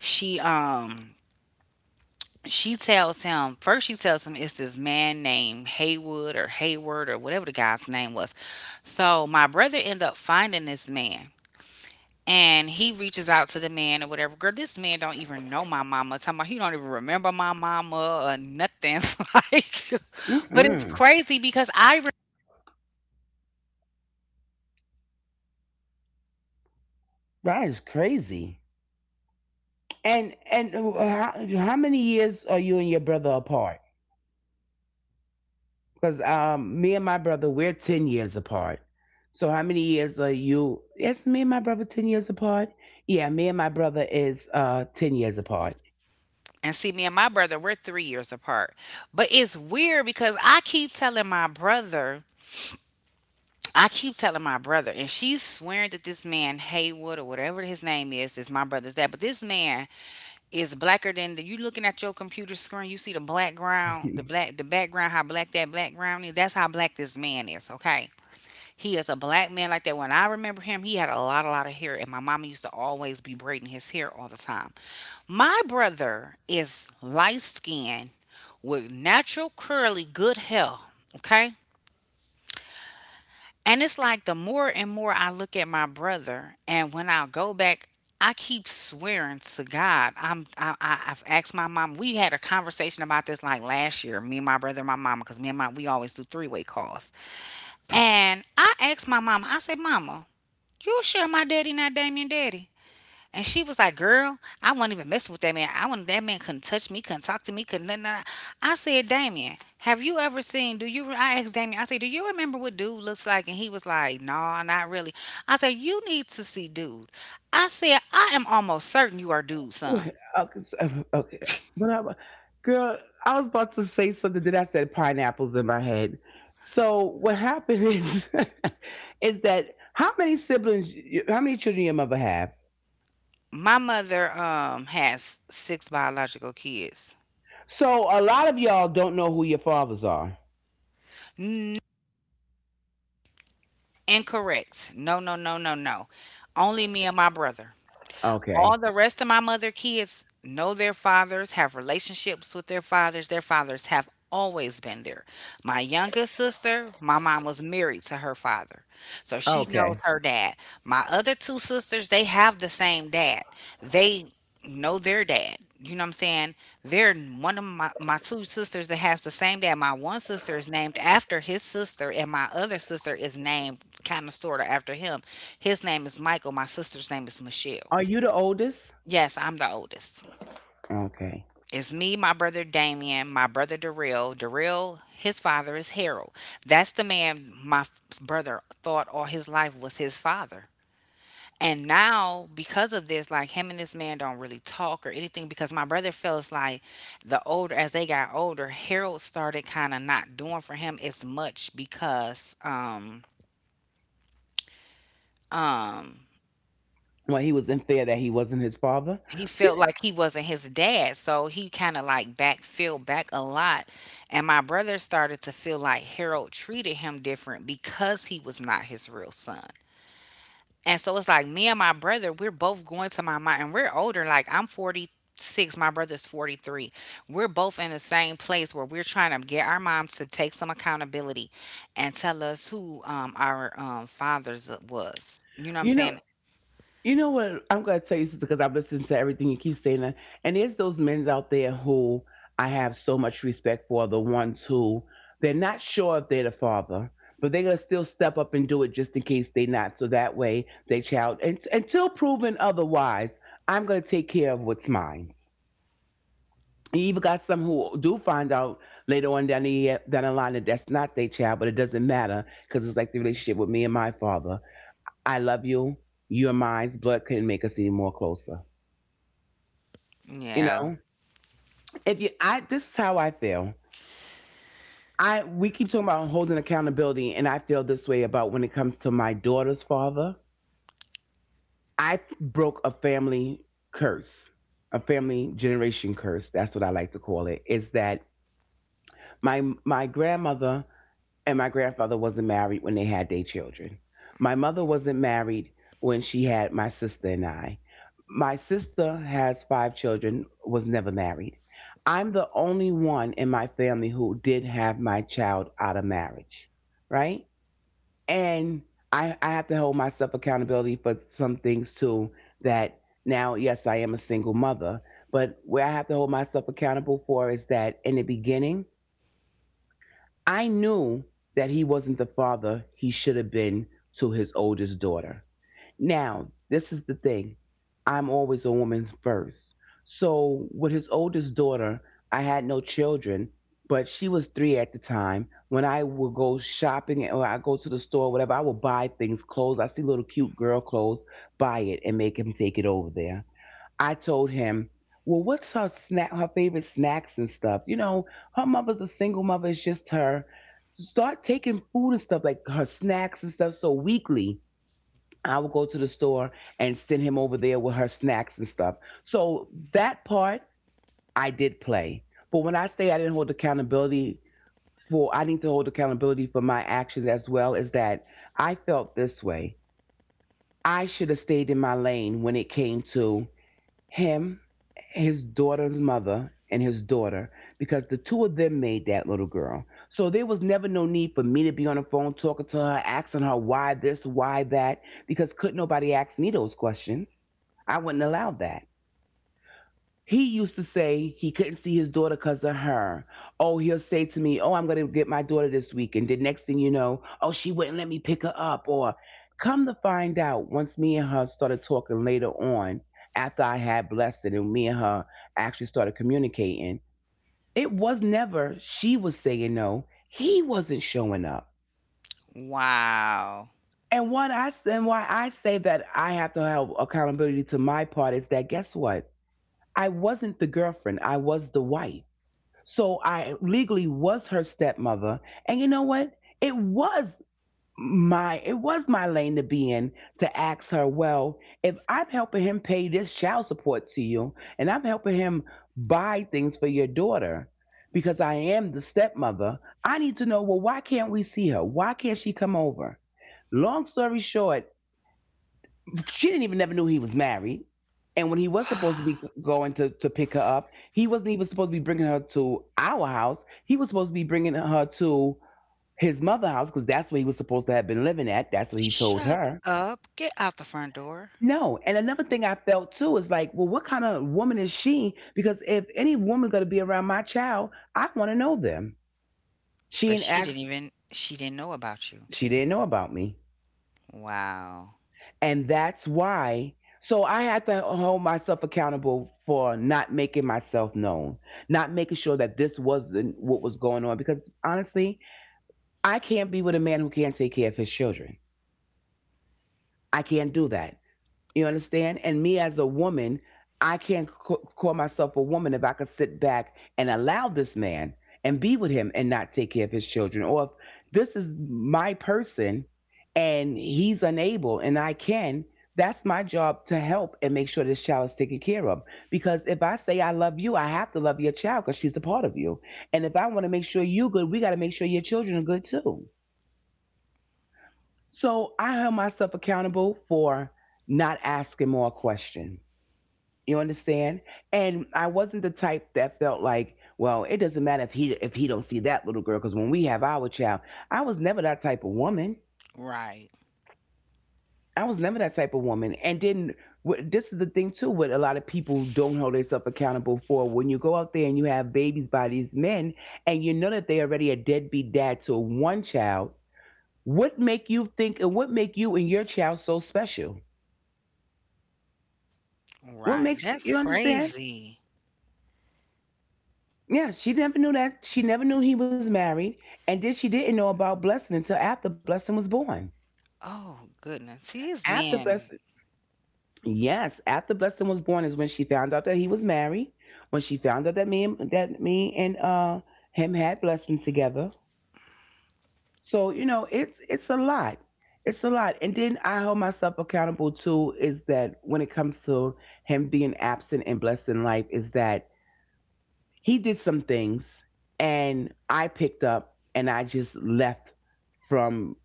Speaker 1: She tells him — first she tells him it's this man named Haywood or Hayward or whatever the guy's name was. So my brother ended up finding this man, and he reaches out to the man or whatever. Girl, this man don't even know my mama. Talking about he don't even remember my mama or nothing. It's like — but it's
Speaker 2: Mm-mm.
Speaker 1: crazy, because
Speaker 2: That is crazy. And how many years are you and your brother apart? Because me and my brother, we're 10 years apart. So how many years are you? Yes, me and my brother 10 years apart. Yeah, me and my brother is 10 years apart.
Speaker 1: and see, me and my brother, we're 3 years apart. But it's weird, because I keep telling my brother — I keep telling my brother, and she's swearing that this man Haywood or whatever his name is my brother's dad. But this man is blacker than — the you looking at your computer screen, you see the black ground, the black the background, how black that black ground is. That's how black this man is, okay? He is a black man like that. When I remember him, he had a lot of hair, and my mama used to always be braiding his hair all the time. My brother is light skinned with natural curly good hair. Okay. And it's like the more and more I look at my brother, and when I go back, I keep swearing to God. I've asked my mom. We had a conversation about this like last year, me and my brother and my mama, because me and my we always do three-way calls. And I asked my mama. I said, "Mama, you sure my daddy not Damien daddy?" And she was like, "Girl, I wasn't even messing with that man. I wanted that man — couldn't touch me, couldn't talk to me, couldn't." Nothing, nothing. I said, "Damien, have you ever seen? Do you?" I asked Damien. I said, "Do you remember what dude looks like?" And he was like, "No, not really." I said, "You need to see dude." I said, "I am almost certain you are dude's son."
Speaker 2: What? Okay. Okay. But I, girl, I was about to say something that I said pineapples in my head. So what happened is, is that how many siblings, how many children your mother have?
Speaker 1: My mother has six biological kids.
Speaker 2: So a lot of y'all don't know who your fathers are.
Speaker 1: N- Incorrect. No, no, no, no, no. Only me and my brother. All
Speaker 2: Okay.
Speaker 1: the rest of my mother kids know their fathers, have relationships with their fathers. Their fathers have always been there. My youngest sister, my mom was married to her father. So she knows
Speaker 2: Okay.
Speaker 1: her dad. My other two sisters, they have the same dad. They know their dad. You know what I'm saying? They're one of my two sisters that has the same dad. My one sister is named after his sister, and my other sister is named kind of sort of after him. His name is Michael. My sister's name is Michelle.
Speaker 2: Are you the oldest?
Speaker 1: Yes, I'm the oldest.
Speaker 2: Okay.
Speaker 1: It's me, my brother Damien, my brother Darrell. Darrell, his father is Harold. That's the man my brother thought all his life was his father. And now, because of this, like him and this man don't really talk or anything because my brother feels like the older, as they got older, Harold started kind of not doing for him as much because, um,
Speaker 2: When he was in fear that he wasn't his father.
Speaker 1: he felt like he wasn't his dad. So he kind of like backfilled back a lot. And my brother started to feel like Harold treated him different because he was not his real son. And so it's like me and my brother, we're both going to my mom and we're older. Like I'm 46, my brother's 43. We're both in the same place where we're trying to get our moms to take some accountability and tell us who our fathers was. You know what I'm
Speaker 2: You know,
Speaker 1: saying?
Speaker 2: you know what? I'm going to tell you, sister, because I've listened to everything you keep saying. That. And there's those men out there who I have so much respect for. The ones who they're not sure if they're the father, but they're going to still step up and do it just in case they're not. So that way, they child, and until proven otherwise, I'm going to take care of what's mine. You even got some who do find out later on down the line that that's not their child, but it doesn't matter because it's like the relationship with me and my father. I love you. You're mine. Blood couldn't make us any more closer. You
Speaker 1: Yeah.
Speaker 2: know, if you, I, this is how I feel. I, we keep talking about holding accountability, and I feel this way about when it comes to my daughter's father. I broke a family curse, a family generation curse. That's what I like to call it. Is that my grandmother and my grandfather wasn't married when they had their children. My mother wasn't married when she had my sister and I. My sister has 5 children, was never married. I'm the only one in my family who did have my child out of marriage, right? And I have to hold myself accountability for some things too. That now, yes, I am a single mother, but where I have to hold myself accountable for is that in the beginning, I knew that he wasn't the father he should have been to his oldest daughter. Now, this is the thing. I'm always a woman first. So, with his oldest daughter, I had no children, but she was 3 at the time. When I would go shopping or I go to the store, whatever, I would buy things, clothes. I see little cute girl clothes, buy it, and make him take it over there. I told him, well, what's her snack, her favorite snacks and stuff? You know, her mother's a single mother. It's just her. Start taking food and stuff like her snacks and stuff. So weekly, I would go to the store and send him over there with her snacks and stuff. So that part I did play. But when I say I didn't hold accountability for, I need to hold accountability for my actions as well. Is that I felt this way. I should have stayed in my lane when it came to him, his daughter's mother, and his daughter because the two of them made that little girl. So there was never no need for me to be on the phone talking to her, asking her why this, why that, because couldn't nobody ask me those questions. I wouldn't allow that. He used to say he couldn't see his daughter because of her. Oh, he'll say to me, oh, I'm going to get my daughter this week. And the next thing you know, oh, she wouldn't let me pick her up. Or come to find out, once me and her started talking later on, after I had blessed it and me and her actually started communicating, it was never. She was saying no, he wasn't showing up.
Speaker 1: Wow.
Speaker 2: And what I and why I say that I have to have accountability to my part is that guess what? I wasn't the girlfriend, I was the wife. So I legally was her stepmother. And you know what? It was it was my lane to be in to ask her, well, if I'm helping him pay this child support to you and I'm helping him buy things for your daughter because I am the stepmother, I need to know, well, why can't we see her? Why can't she come over? Long story short, she didn't even never knew he was married. And when he was supposed to be going to pick her up, he wasn't even supposed to be bringing her to our house. He was supposed to be bringing her to his mother's house because that's where he was supposed to have been living at. That's what he told
Speaker 1: Shut
Speaker 2: her.
Speaker 1: up. Get out the front door.
Speaker 2: No. And another thing I felt too is like, well, what kind of woman is she? Because if any woman going to be around my child, I want to know them. She
Speaker 1: But
Speaker 2: ain't asked,
Speaker 1: she didn't know about you.
Speaker 2: she didn't know about me.
Speaker 1: Wow.
Speaker 2: And that's why. So I had to hold myself accountable for not making myself known, not making sure that this wasn't what was going on. Because honestly, I can't be with a man who can't take care of his children. I can't do that. You understand? And me as a woman, I can't call myself a woman if I could sit back and allow this man and be with him and not take care of his children. Or if this is my person and he's unable and I can, that's my job to help and make sure this child is taken care of. Because if I say I love you, I have to love your child because she's a part of you. And if I want to make sure you're good, we got to make sure your children are good too. So I held myself accountable for not asking more questions you understand? And I wasn't the type that felt like, well, it doesn't matter if he don't see that little girl because when we have our child, I was never that type of woman.
Speaker 1: Right.
Speaker 2: I was never that type of woman. And then this is the thing too, what a lot of people don't hold themselves accountable for. When you go out there and you have babies by these men, and you know that they already a deadbeat dad to one child, what make you and your child so special? What
Speaker 1: Right.
Speaker 2: makes
Speaker 1: That's
Speaker 2: you understand?
Speaker 1: crazy.
Speaker 2: Yeah, she never knew that. She never knew he was married. And then she didn't know about Blessing until after Blessing was born.
Speaker 1: Oh goodness. See this
Speaker 2: After
Speaker 1: man
Speaker 2: Blessing, yes, after Blessing was born is when she found out that he was married. When she found out that me and him had Blessing together. So you know, it's a lot. It's a lot. And then I hold myself accountable too. Is that when it comes to him being absent in Blessing life, is that he did some things and I picked up and I just left from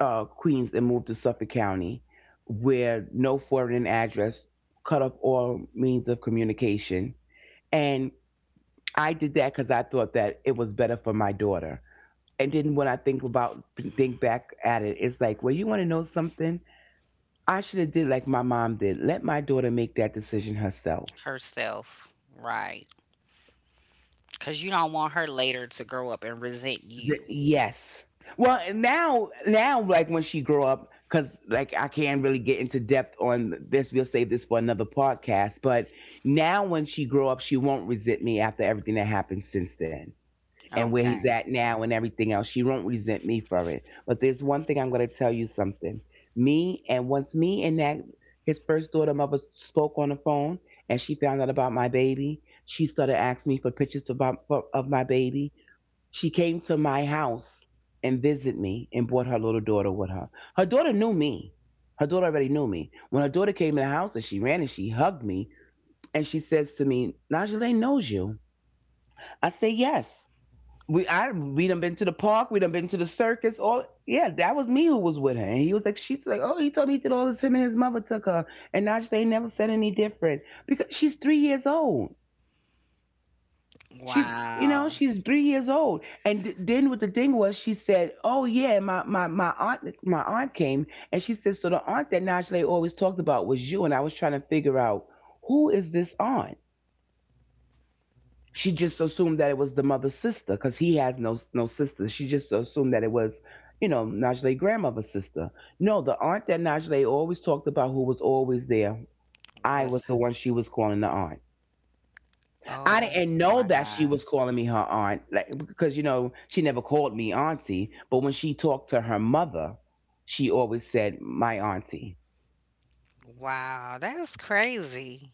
Speaker 2: Queens and moved to Suffolk County, where no forwarding address, cut off all means of communication. And I did that because I thought that it was better for my daughter. And then when I think back at it, it's like, well, you want to know something? I should have did like my mom did. Let my daughter make that decision herself.
Speaker 1: herself. Right. Cause you don't want her later to grow up and resent you.
Speaker 2: Yes. Well, and now, like when she grow up, because like I can't really get into depth on this. We'll save this for another podcast. But now, when she grow up, she won't resent me after everything that happened since then and where he's
Speaker 1: Okay.
Speaker 2: at now and everything else. She won't resent me for it. But there's one thing I'm gonna tell you something. Me and Once me and that his first daughter mother spoke on the phone and she found out about my baby. She started asking me for pictures of my baby. She came to my house and visited me and brought her little daughter with her. Her daughter knew me. Her daughter already knew me. When her daughter came in the house and she ran and she hugged me and she says to me, "Najee knows you." I say, "Yes. We done been to the park, we done been to the circus, all…" Yeah, that was me who was with her. And she's like, "Oh, he told me he did all this, him and his mother took her." And Najee never said any different because she's 3 years old. She's, you know,
Speaker 1: Wow.
Speaker 2: she's 3 years old. And then what the thing was, she said, "Oh yeah, my aunt came," and she said, so the aunt that Najee always talked about was you, and I was trying to figure out who is this aunt. She just assumed that it was the mother's sister, cause he has no sister. She just assumed that it was, you know, Najee grandmother's sister. No, the aunt that Najee always talked about, who was always there, I
Speaker 1: Was
Speaker 2: was the one she was calling the aunt. I
Speaker 1: Oh
Speaker 2: didn't know
Speaker 1: my
Speaker 2: that she
Speaker 1: God.
Speaker 2: was calling me her aunt, like because you know she never called me auntie. But when she talked to her mother, she always said my auntie.
Speaker 1: Wow. That is crazy.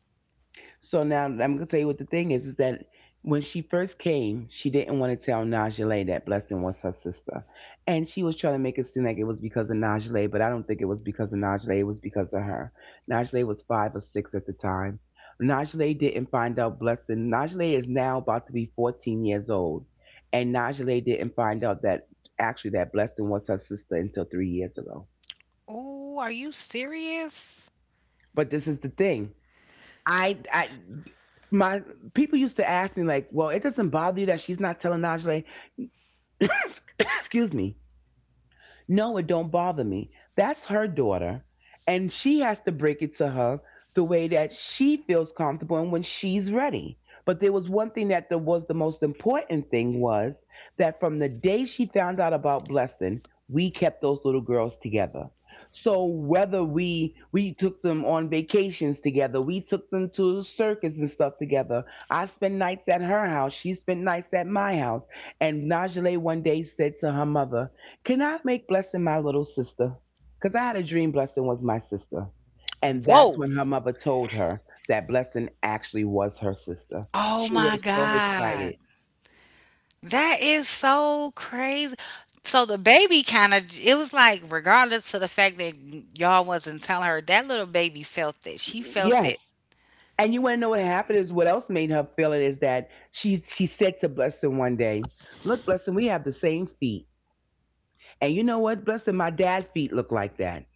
Speaker 2: So now I'm gonna tell you what the thing is that when she first came, she didn't want to tell Najee that Blessing was her sister, and she was trying to make it seem like it was because of Najee, but I don't think it was because of Najee. It was because of her. Najee was five or six at the time. Najee didn't find out Blessing. Najee is now about to be 14 years old, and Najee didn't find out that actually that Blessing was her sister until 3 years ago.
Speaker 1: Oh, are you serious?
Speaker 2: But this is the thing. I, my People used to ask me like, well, it doesn't bother you that she's not telling Najee. Excuse me. No, it don't bother me. That's her daughter, and she has to break it to her the way that she feels comfortable and when she's ready. But there was one thing that was the most important thing was that from the day she found out about Blessing, we kept those little girls together. So whether we took them on vacations together, we took them to the circus and stuff together. I spent nights at her house. She spent nights at my house. And Najee one day said to her mother, "Can I make Blessing my little sister? Because I had a dream Blessing was my sister." And that's
Speaker 1: Whoa.
Speaker 2: when her mother told her that Blessing actually was her sister.
Speaker 1: Oh
Speaker 2: She was
Speaker 1: my
Speaker 2: so excited.
Speaker 1: God. That is so crazy. So the baby kind of it was like regardless of the fact that y'all wasn't telling her, that little baby felt it. She felt it.
Speaker 2: Yes. And you want to know what happened is what else made her feel it is that she said to Blessing one day, "Look, Blessing, we have the same feet. And you know what, Blessing, my dad's feet look like that."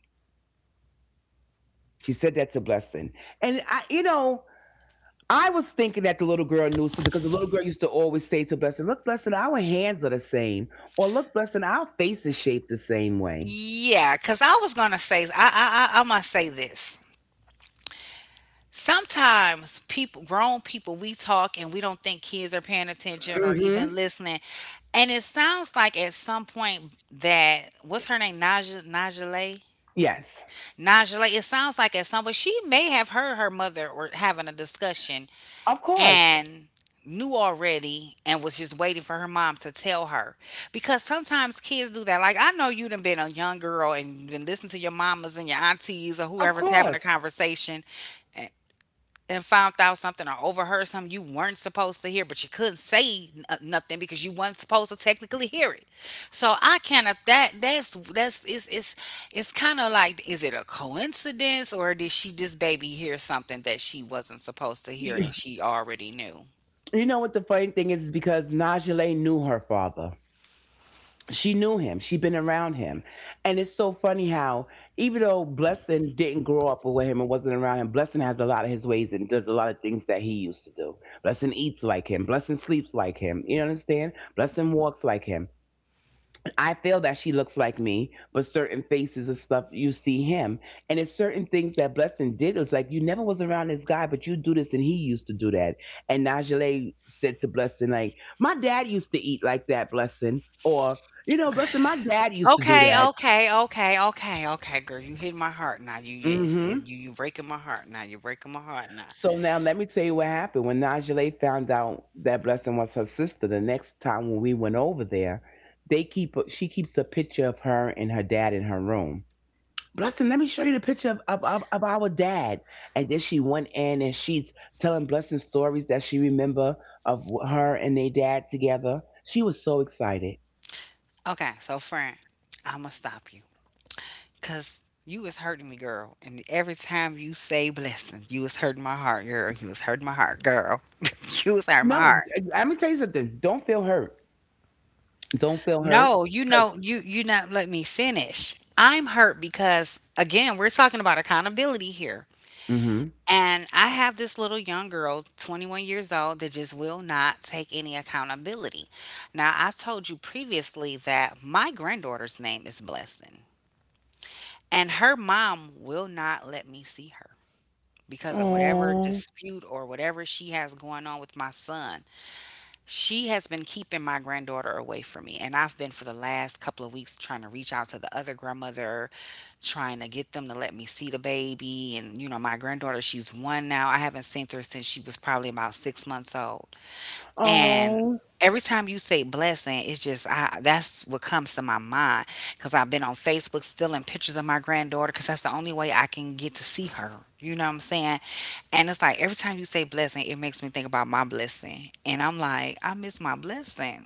Speaker 2: She said that to Blessing. And I, you know, I was thinking that the little girl knew something because the little girl used to always say to Blessing, "Look, Blessing, our hands are the same," or "Look, Blessing, our face is shaped the same way."
Speaker 1: Yeah, cause I was gonna say I must say this. Sometimes people, grown people, we talk and we don't think kids are paying attention or even
Speaker 2: Hmm.
Speaker 1: listening. And it sounds like at some point that what's her name, Najale,
Speaker 2: Yes,
Speaker 1: Najale. It sounds like at some point she may have heard her mother or having a discussion
Speaker 2: of course,
Speaker 1: and knew already and was just waiting for her mom to tell her because sometimes kids do that. Like, I know you done been a young girl, and you been listening to your mamas and your aunties or
Speaker 2: of
Speaker 1: whoever's having a
Speaker 2: course.
Speaker 1: conversation, and found out something or overheard something you weren't supposed to hear, but you couldn't say nothing because you weren't supposed to technically hear it. So I kind of that's, it's kind of like, is it a coincidence or did she this baby hear something that she wasn't supposed to hear,
Speaker 2: You,
Speaker 1: and she already knew?
Speaker 2: you know what the funny thing is? Is because Najee knew her father. She knew him, she'd been around him, and it's so funny how even though Blessing didn't grow up with him and wasn't around him, Blessing has a lot of his ways and does a lot of things that he used to do. Blessing eats like him, Blessing sleeps like him, you understand, Blessing walks like him. I feel that she looks like me, but certain faces and stuff you see him. And it's certain things that Blessing did. It was like you never was around this guy, but you do this and he used to do that. And Najee said to Blessing, like, "My dad used to eat like that, Blessing." Or, "You know, Blessing, my dad used to do
Speaker 1: Okay,
Speaker 2: that."
Speaker 1: okay, okay, okay, okay, girl. You hit my heart now.
Speaker 2: Mm-hmm.
Speaker 1: You breaking my heart now. You're breaking my heart now.
Speaker 2: So now let me tell you what happened. When Najee found out that Blessing was her sister, the next time when we went over there, they keep she keeps a picture of her and her dad in her room. "Blessing, let me show you the picture of, of our dad." And then she went in and she's telling Blessing stories that she remember of her and their dad together. She was so excited.
Speaker 1: Okay, so friend, I'ma stop you, cause you was hurting me, girl. And every time you say blessing, you was hurting my heart, girl. You was hurting my heart, girl. you was hurting my
Speaker 2: No,
Speaker 1: heart.
Speaker 2: let me tell you something. Don't feel hurt. Don't feel hurt.
Speaker 1: No, you
Speaker 2: Because
Speaker 1: know, you not, let me finish. I'm hurt because again, we're talking about accountability here.
Speaker 2: hmm
Speaker 1: And I have this little young girl, 21 years old, that just will not take any accountability. Now, I've told you previously that my granddaughter's name is Blessing, and her mom will not let me see her because of whatever
Speaker 2: Oh,
Speaker 1: dispute or whatever she has going on with my son. She has been keeping my granddaughter away from me, and I've been for the last couple of weeks trying to reach out to the other grandmother, trying to get them to let me see the baby. And you know, my granddaughter, she's one now. I haven't seen her since she was probably about 6 months old. And
Speaker 2: oh,
Speaker 1: every time you say blessing, it's just I that's what comes to my mind, because I've been on Facebook stealing pictures of my granddaughter because that's the only way I can get to see her. You know what I'm saying? And it's like every time you say blessing, it makes me think about my blessing. And I'm like, I miss my blessing.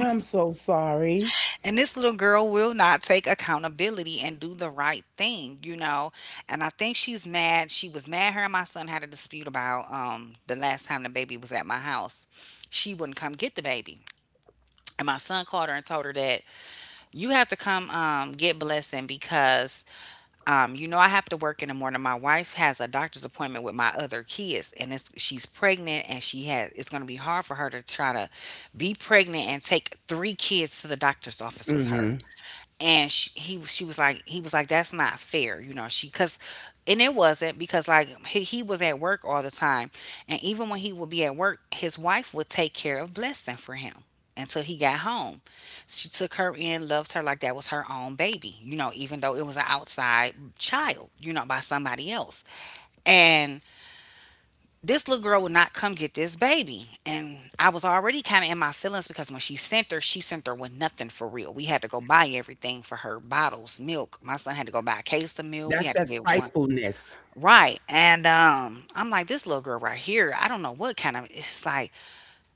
Speaker 2: I'm so sorry.
Speaker 1: And this little girl will not take accountability and do the right thing. And I think she's mad. She was mad. Her and my son had a dispute about the last time the baby was at my house. She wouldn't come get the baby. And my son called her and told her that you have to come get blessing because I have to work in the morning. My wife has a doctor's appointment with my other kids, and she's pregnant, and she has it's going to be hard for her to try to be pregnant and take three kids to the doctor's office
Speaker 2: Mm
Speaker 1: with her.
Speaker 2: hmm
Speaker 1: And he she was like he was like, that's not fair, she because. And it wasn't because like he was at work all the time. And even when he would be at work, his wife would take care of blessing for him until he got home. She took her in, loved her like that was her own baby, even though it was an outside child, by somebody else. And this little girl would not come get this baby. And I was already kind of in my feelings because when she sent her with nothing for real. We had to go buy everything for her bottles, milk. My son had to go buy a case of milk. We
Speaker 2: That's
Speaker 1: had to
Speaker 2: that
Speaker 1: get one.
Speaker 2: spitefulness.
Speaker 1: Right. And I'm like, this little girl right here, I don't know what kind of, it's like,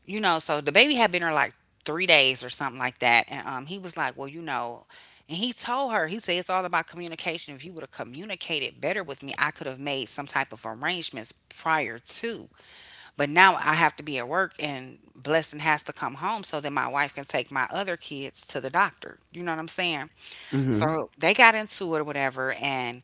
Speaker 1: so the baby had been here like 3 days or something like that. And he was like, well, and he told her, he said, it's all about communication. If you would have communicated better with me, I could have made some type of arrangements prior to. But now I have to be at work and Blessing has to come home so that my wife can take my other kids to the doctor. You know what I'm saying?
Speaker 2: mm hmm
Speaker 1: So they got into it or whatever, and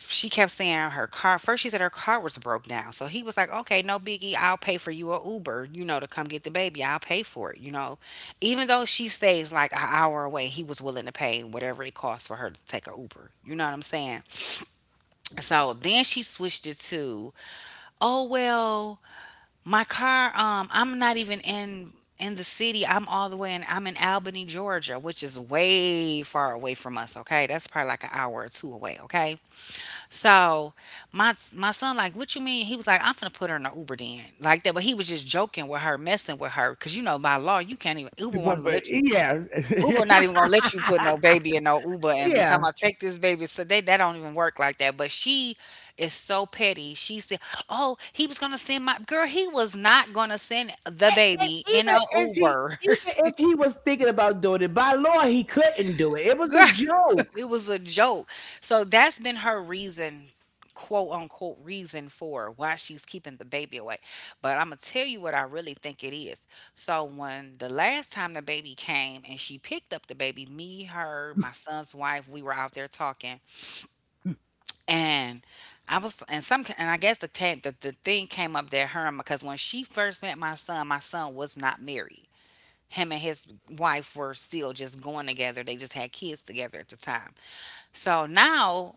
Speaker 1: she kept saying her car first she said her car was broke down. So he was like, okay, no biggie, I'll pay for you a Uber, to come get the baby. I'll pay for it. Even though she stays like an hour away, he was willing to pay whatever it costs for her to take a Uber. You know what I'm saying? So then she switched it to, oh well, my car, I'm not even in the city. I'm all the way in Albany, Georgia, which is way far away from us, okay? That's probably like an hour or two away, okay? So my son like, what you mean? He was like, I'm gonna put her in the Uber then. Like that, but he was just joking with her, messing with her. Cause by law, you can't even Uber won't
Speaker 2: But,
Speaker 1: even
Speaker 2: but
Speaker 1: let you
Speaker 2: yeah,
Speaker 1: Uber not even gonna let you put no baby in no Uber and be
Speaker 2: yeah.
Speaker 1: talking about take this baby. So they that don't even work like that. But she is so petty. She said, "Oh, he was gonna send my girl. He was not gonna send the
Speaker 2: And
Speaker 1: baby in
Speaker 2: even
Speaker 1: a
Speaker 2: if he
Speaker 1: Uber,
Speaker 2: was thinking about doing it, by law he couldn't do it. It was a
Speaker 1: girl. It
Speaker 2: joke.
Speaker 1: was a joke. So that's been her reason, quote unquote, reason for why she's keeping the baby away. But I'm going to tell you what I really think it is. So when the last time the baby came and she picked up the baby, me, her, my son's wife, we were out there talking. And I was, and some, and I guess the thing came up because when she first met my son was not married. Him and his wife were still just going together. They just had kids together at the time. So now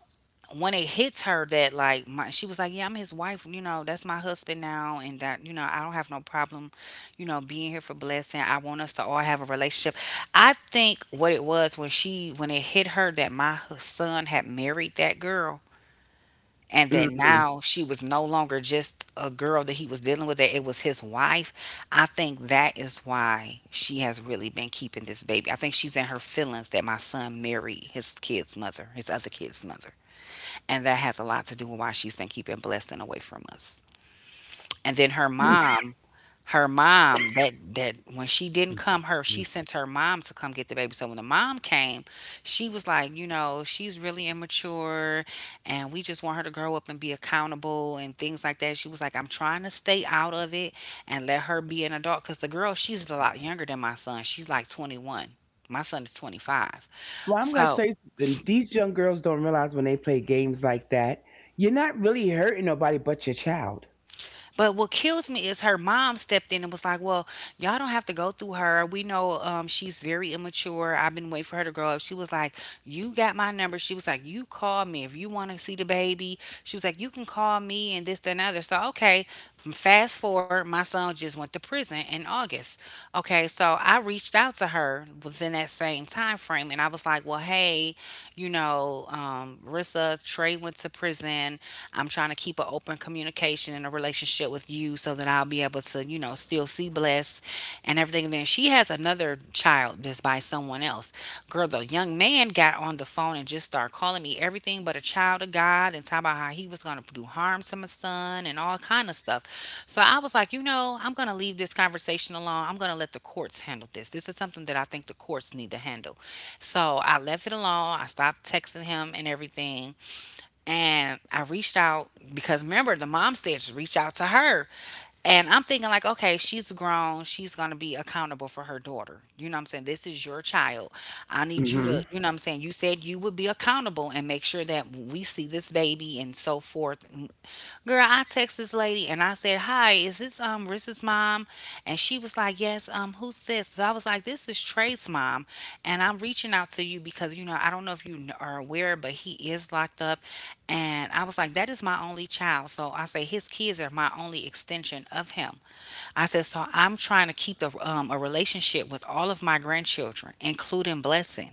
Speaker 1: when it hits her that like my she was like, yeah, I'm his wife, you know, that's my husband now, and that, I don't have no problem, being here for Blessing. I want us to all have a relationship. I think what it was, when she, when it hit her that my son had married that girl, and that
Speaker 2: Mm.
Speaker 1: now she was no longer just a girl that he was dealing with, that it was his wife. I think that is why she has really been keeping this baby. I think she's in her feelings that my son married his kid's mother, his other kid's mother, and that has a lot to do with why she's been keeping Blessing away from us. And then her mom that when she didn't come, her she sent her mom to come get the baby. So when the mom came, she was like, you know, she's really immature, and we just want her to grow up and be accountable and things like that. She was like, I'm trying to stay out of it and let her be an adult because the girl, she's a lot younger than my son. She's like 21. My son is 25.
Speaker 2: Well, I'm gonna
Speaker 1: So
Speaker 2: say something. These young girls don't realize when they play games like that, you're not really hurting nobody but your child.
Speaker 1: but what kills me is her mom stepped in and was like, "Well, y'all don't have to go through her. We know, she's very immature. I've been waiting for her to grow up." She was like, "You got my number." She was like, "You call me if you want to see the baby." She was like, "You can call me, and this that, and the other." So okay, fast forward, my son just went to prison in August. Okay, so I reached out to her within that same time frame, and I was like, "Well, hey, Rissa Trey went to prison. I'm trying to keep an open communication and a relationship with you so that I'll be able to, you know, still see Bless and everything." And then she has another child that's by someone else. Girl, the young man got on the phone and just started calling me everything but a child of God, and talking about how he was going to do harm to my son and all kind of stuff. So I was like, you know, I'm going to leave this conversation alone. I'm going to let the courts handle this. This is something that I think the courts need to handle. So I left it alone. I stopped texting him and everything, and I reached out because, remember, the mom said to reach out to her. And I'm thinking like, okay, she's grown. She's gonna be accountable for her daughter. You know what I'm saying? This is your child. I need you
Speaker 2: Hmm
Speaker 1: to, you know what I'm saying? You said you would be accountable and make sure that we see this baby and so forth. Girl, I text this lady and I said, "Hi, is this Riz's mom?" And she was like, "Yes, who's this?" So I was like, "This is Trey's mom. And I'm reaching out to you because, you know, I don't know if you are aware, but he is locked up." And I was like, "That is my only child." So I say his kids are my only extension of him. I said, "So I'm trying to keep a relationship with all of my grandchildren, including Blessing."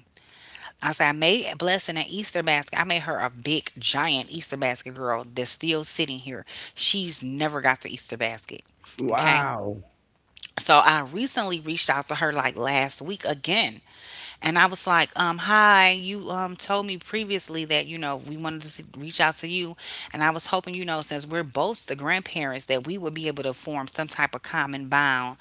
Speaker 1: I said, "I made a Blessing an Easter basket. I made her a big, giant Easter basket, girl, that's still sitting here. She's never got the Easter basket." Okay.
Speaker 2: Wow.
Speaker 1: So I recently reached out to her like last week again. And I was like, Hi, you told me previously that, you know, we wanted to reach out to you. And I was hoping, you know, since we're both the grandparents, that we would be able to form some type of common bond,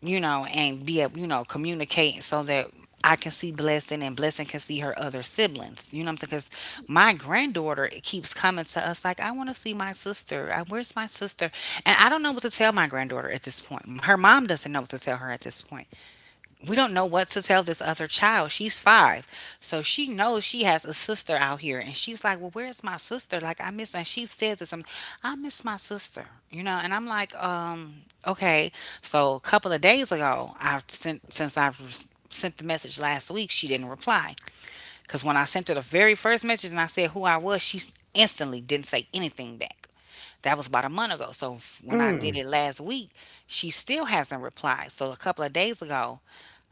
Speaker 1: you know, and be able, you know, communicate so that I can see Blessing and Blessing can see her other siblings." You know what I'm saying? Because my granddaughter keeps coming to us like, "I want to see my sister. I, where's my sister?" And I don't know what to tell my granddaughter at this point. Her mom doesn't know what to tell her at this point. We don't know what to tell this other child. She's five. So she knows she has a sister out here. And she's like, "Well, where's my sister? Like, I miss," and she says this, and "I miss my sister, you know?" And I'm like, okay. So a couple of days ago, I've sent, since I've sent the message last week, she didn't reply. Because when I sent her the very first message and I said who I was, she instantly didn't say anything back. That was about a month ago. So when I did
Speaker 2: Mm.
Speaker 1: it last week, she still hasn't replied. So a couple of days ago,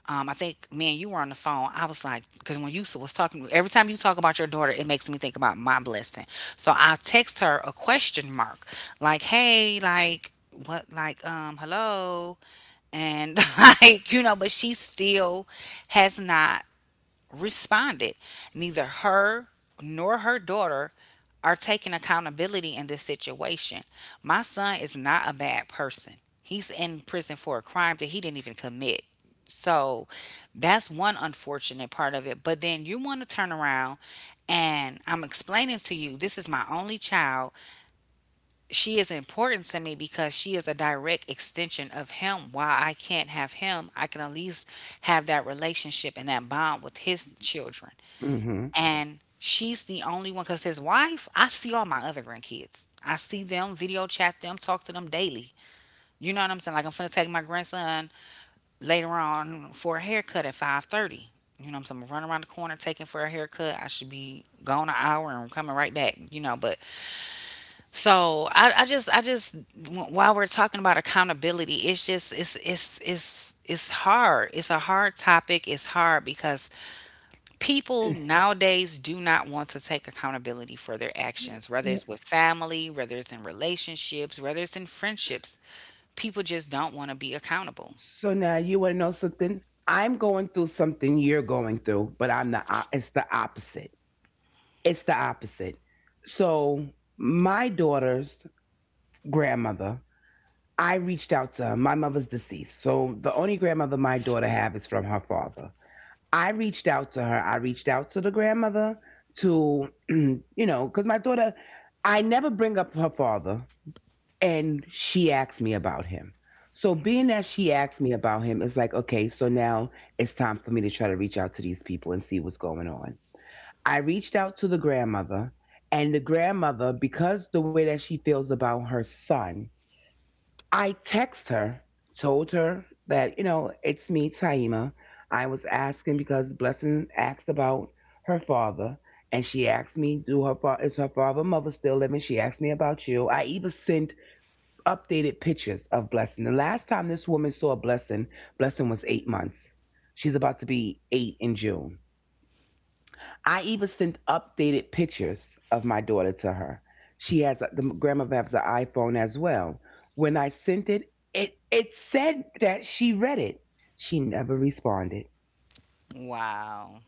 Speaker 1: I think, man, you were on the phone. I was like, because when you was talking, every time you talk about your daughter, it makes me think about my Blessing. So I text her a question mark, like, hey, like, what, like, hello, and like, you know, but she still has not responded. Neither her nor her daughter are taking accountability in this situation. My son is not a bad person. He's in prison for a crime that he didn't even commit. So that's one unfortunate part of it. But then you want to turn around, and I'm explaining to you this is my only child. She is important to me because she is a direct extension of him. While I can't have him, I can at least have that relationship and that bond with his children.
Speaker 2: hmm
Speaker 1: And she's the only one, because his wife, I see all my other grandkids. I see them, video chat them, talk to them daily. You know what I'm saying? Like, I'm gonna take my grandson later on for a haircut at 5:30. You know what I'm saying? I'm gonna run around the corner, taking for a haircut. I should be gone an hour and I'm coming right back, you know, but so I just while we're talking about accountability, it's just it's hard. It's a hard topic. It's hard because people nowadays do not want to take accountability for their actions, whether it's with family, whether it's in relationships, whether it's in friendships. People just don't want to be accountable.
Speaker 2: So now you want to know something? I'm going through something you're going through, but it's the opposite. It's the opposite. So my daughter's grandmother. I reached out to her. My mother's deceased. So the only grandmother my daughter have is from her father. I reached out to her. I reached out to the grandmother to, you know, because my daughter, I never bring up her father. And she asked me about him. So being that she asked me about him, it's like, okay, so now it's time for me to try to reach out to these people and see what's going on. I reached out to the grandmother. And the grandmother, because the way that she feels about her son, I text her, told her that, you know, it's me, Taima. I was asking because Blessing asked about her father, and she asked me, "Do is her father and mother still living?" She asked me about you. I even sent updated pictures of Blessing. The last time this woman saw Blessing, Blessing was 8 months. She's about to be eight in June. I even sent updated pictures of my daughter to her. She has a, the grandmother has an iPhone as well. When I sent it, it said that she read it. She never responded.
Speaker 1: Wow.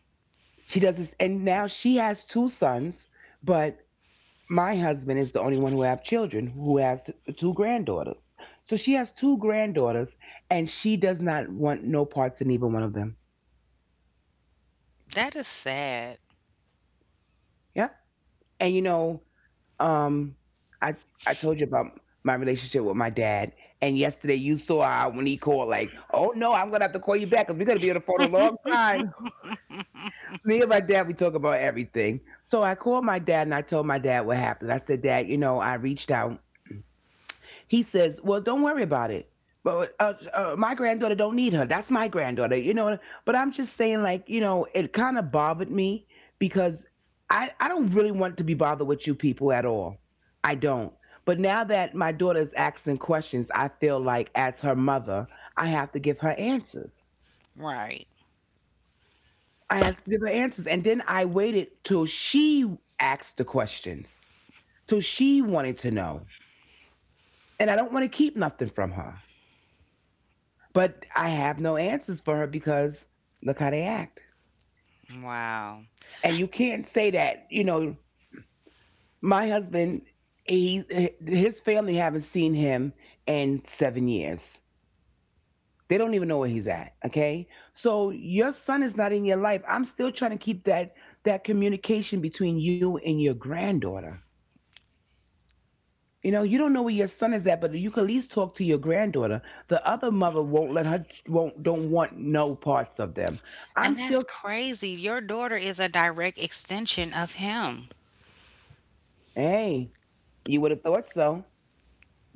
Speaker 2: She does this, and now she has two sons, but my husband is the only one who have children who has two granddaughters. So she has two granddaughters, and she does not want no parts in either one of them.
Speaker 1: That is sad.
Speaker 2: Yeah, and you know Um, I I told you about my relationship with my dad, and yesterday you saw how when he called, like, oh no, I'm gonna have to call you back because we're gonna be on the phone a long time. Me and my dad, we talk about everything. So I called my dad and I told my dad what happened. I said, Dad, you know, I reached out he says, "Well, don't worry about it." But my granddaughter don't need her. That's my granddaughter, you know. But I'm just saying, like, you know, it kind of bothered me because I don't really want to be bothered with you people at all. I don't. But now that my daughter's asking questions, I feel like as her mother, I have to give her answers.
Speaker 1: Right.
Speaker 2: I have to give her answers, and then I waited till she asked the questions, till she wanted to know, and I don't want to keep nothing from her. But I have no answers for her because look how they act.
Speaker 1: Wow.
Speaker 2: And you can't say that, you know, my husband, he, his family haven't seen him in 7 years. They don't even know where he's at. Okay. So your son is not in your life. I'm still trying to keep that communication between you and your granddaughter. You know, you don't know where your son is at, but you can at least talk to your granddaughter. The other mother won't let her, won't, don't want no parts of them. I'm
Speaker 1: And that's
Speaker 2: still,
Speaker 1: crazy. Your daughter is a direct extension of him.
Speaker 2: hey, you would have thought so.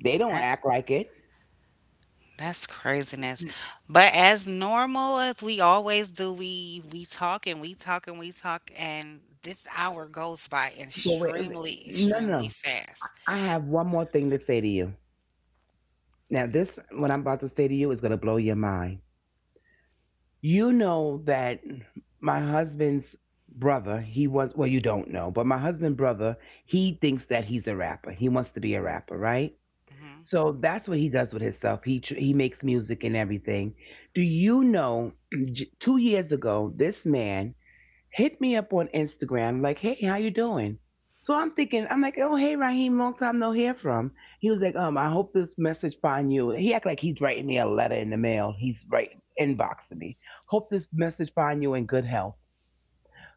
Speaker 2: They don't act like it.
Speaker 1: That's craziness.
Speaker 2: N-
Speaker 1: But as normal as we always do, we talk and we talk and we talk, and this hour goes by
Speaker 2: But wait,
Speaker 1: extremely,
Speaker 2: no, no,
Speaker 1: extremely
Speaker 2: no.
Speaker 1: fast.
Speaker 2: I have one more thing to say to you. Now, this, what I'm about to say to you, is going to blow your mind. You know that my husband's brother, he was, well, you don't know, but my husband's brother, he thinks that he's a rapper. He wants to be a rapper, right?
Speaker 1: Hmm.
Speaker 2: So that's what he does with himself. He makes music and everything. Do you know? 2 years ago, this man hit me up on Instagram, like, hey, how you doing? So I'm thinking, I'm like, oh, hey, Raheem, long time no hear from. He was like, I hope this message find you. He act like he's writing me a letter in the mail. He's writing, inboxing me. Hope this message find you in good health.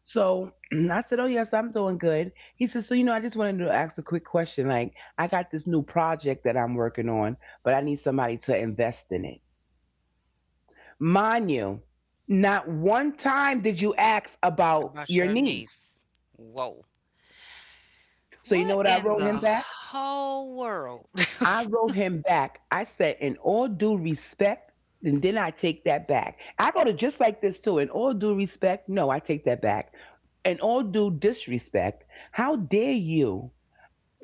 Speaker 2: So I said, oh, yes, I'm doing good. He said, so, you know, I just wanted to ask a quick question. Like, I got this new project that I'm working on, but I need somebody to invest in it. Mind you, not one time did you ask about
Speaker 1: About
Speaker 2: your
Speaker 1: your
Speaker 2: niece.
Speaker 1: niece. Whoa.
Speaker 2: So you know
Speaker 1: What
Speaker 2: what I
Speaker 1: in
Speaker 2: wrote
Speaker 1: the
Speaker 2: him back?
Speaker 1: whole world?
Speaker 2: I wrote him back. I said, in all due respect, and then I take that back. I wrote it just like this too. In all due respect, no, I take that back. In all due disrespect, how dare you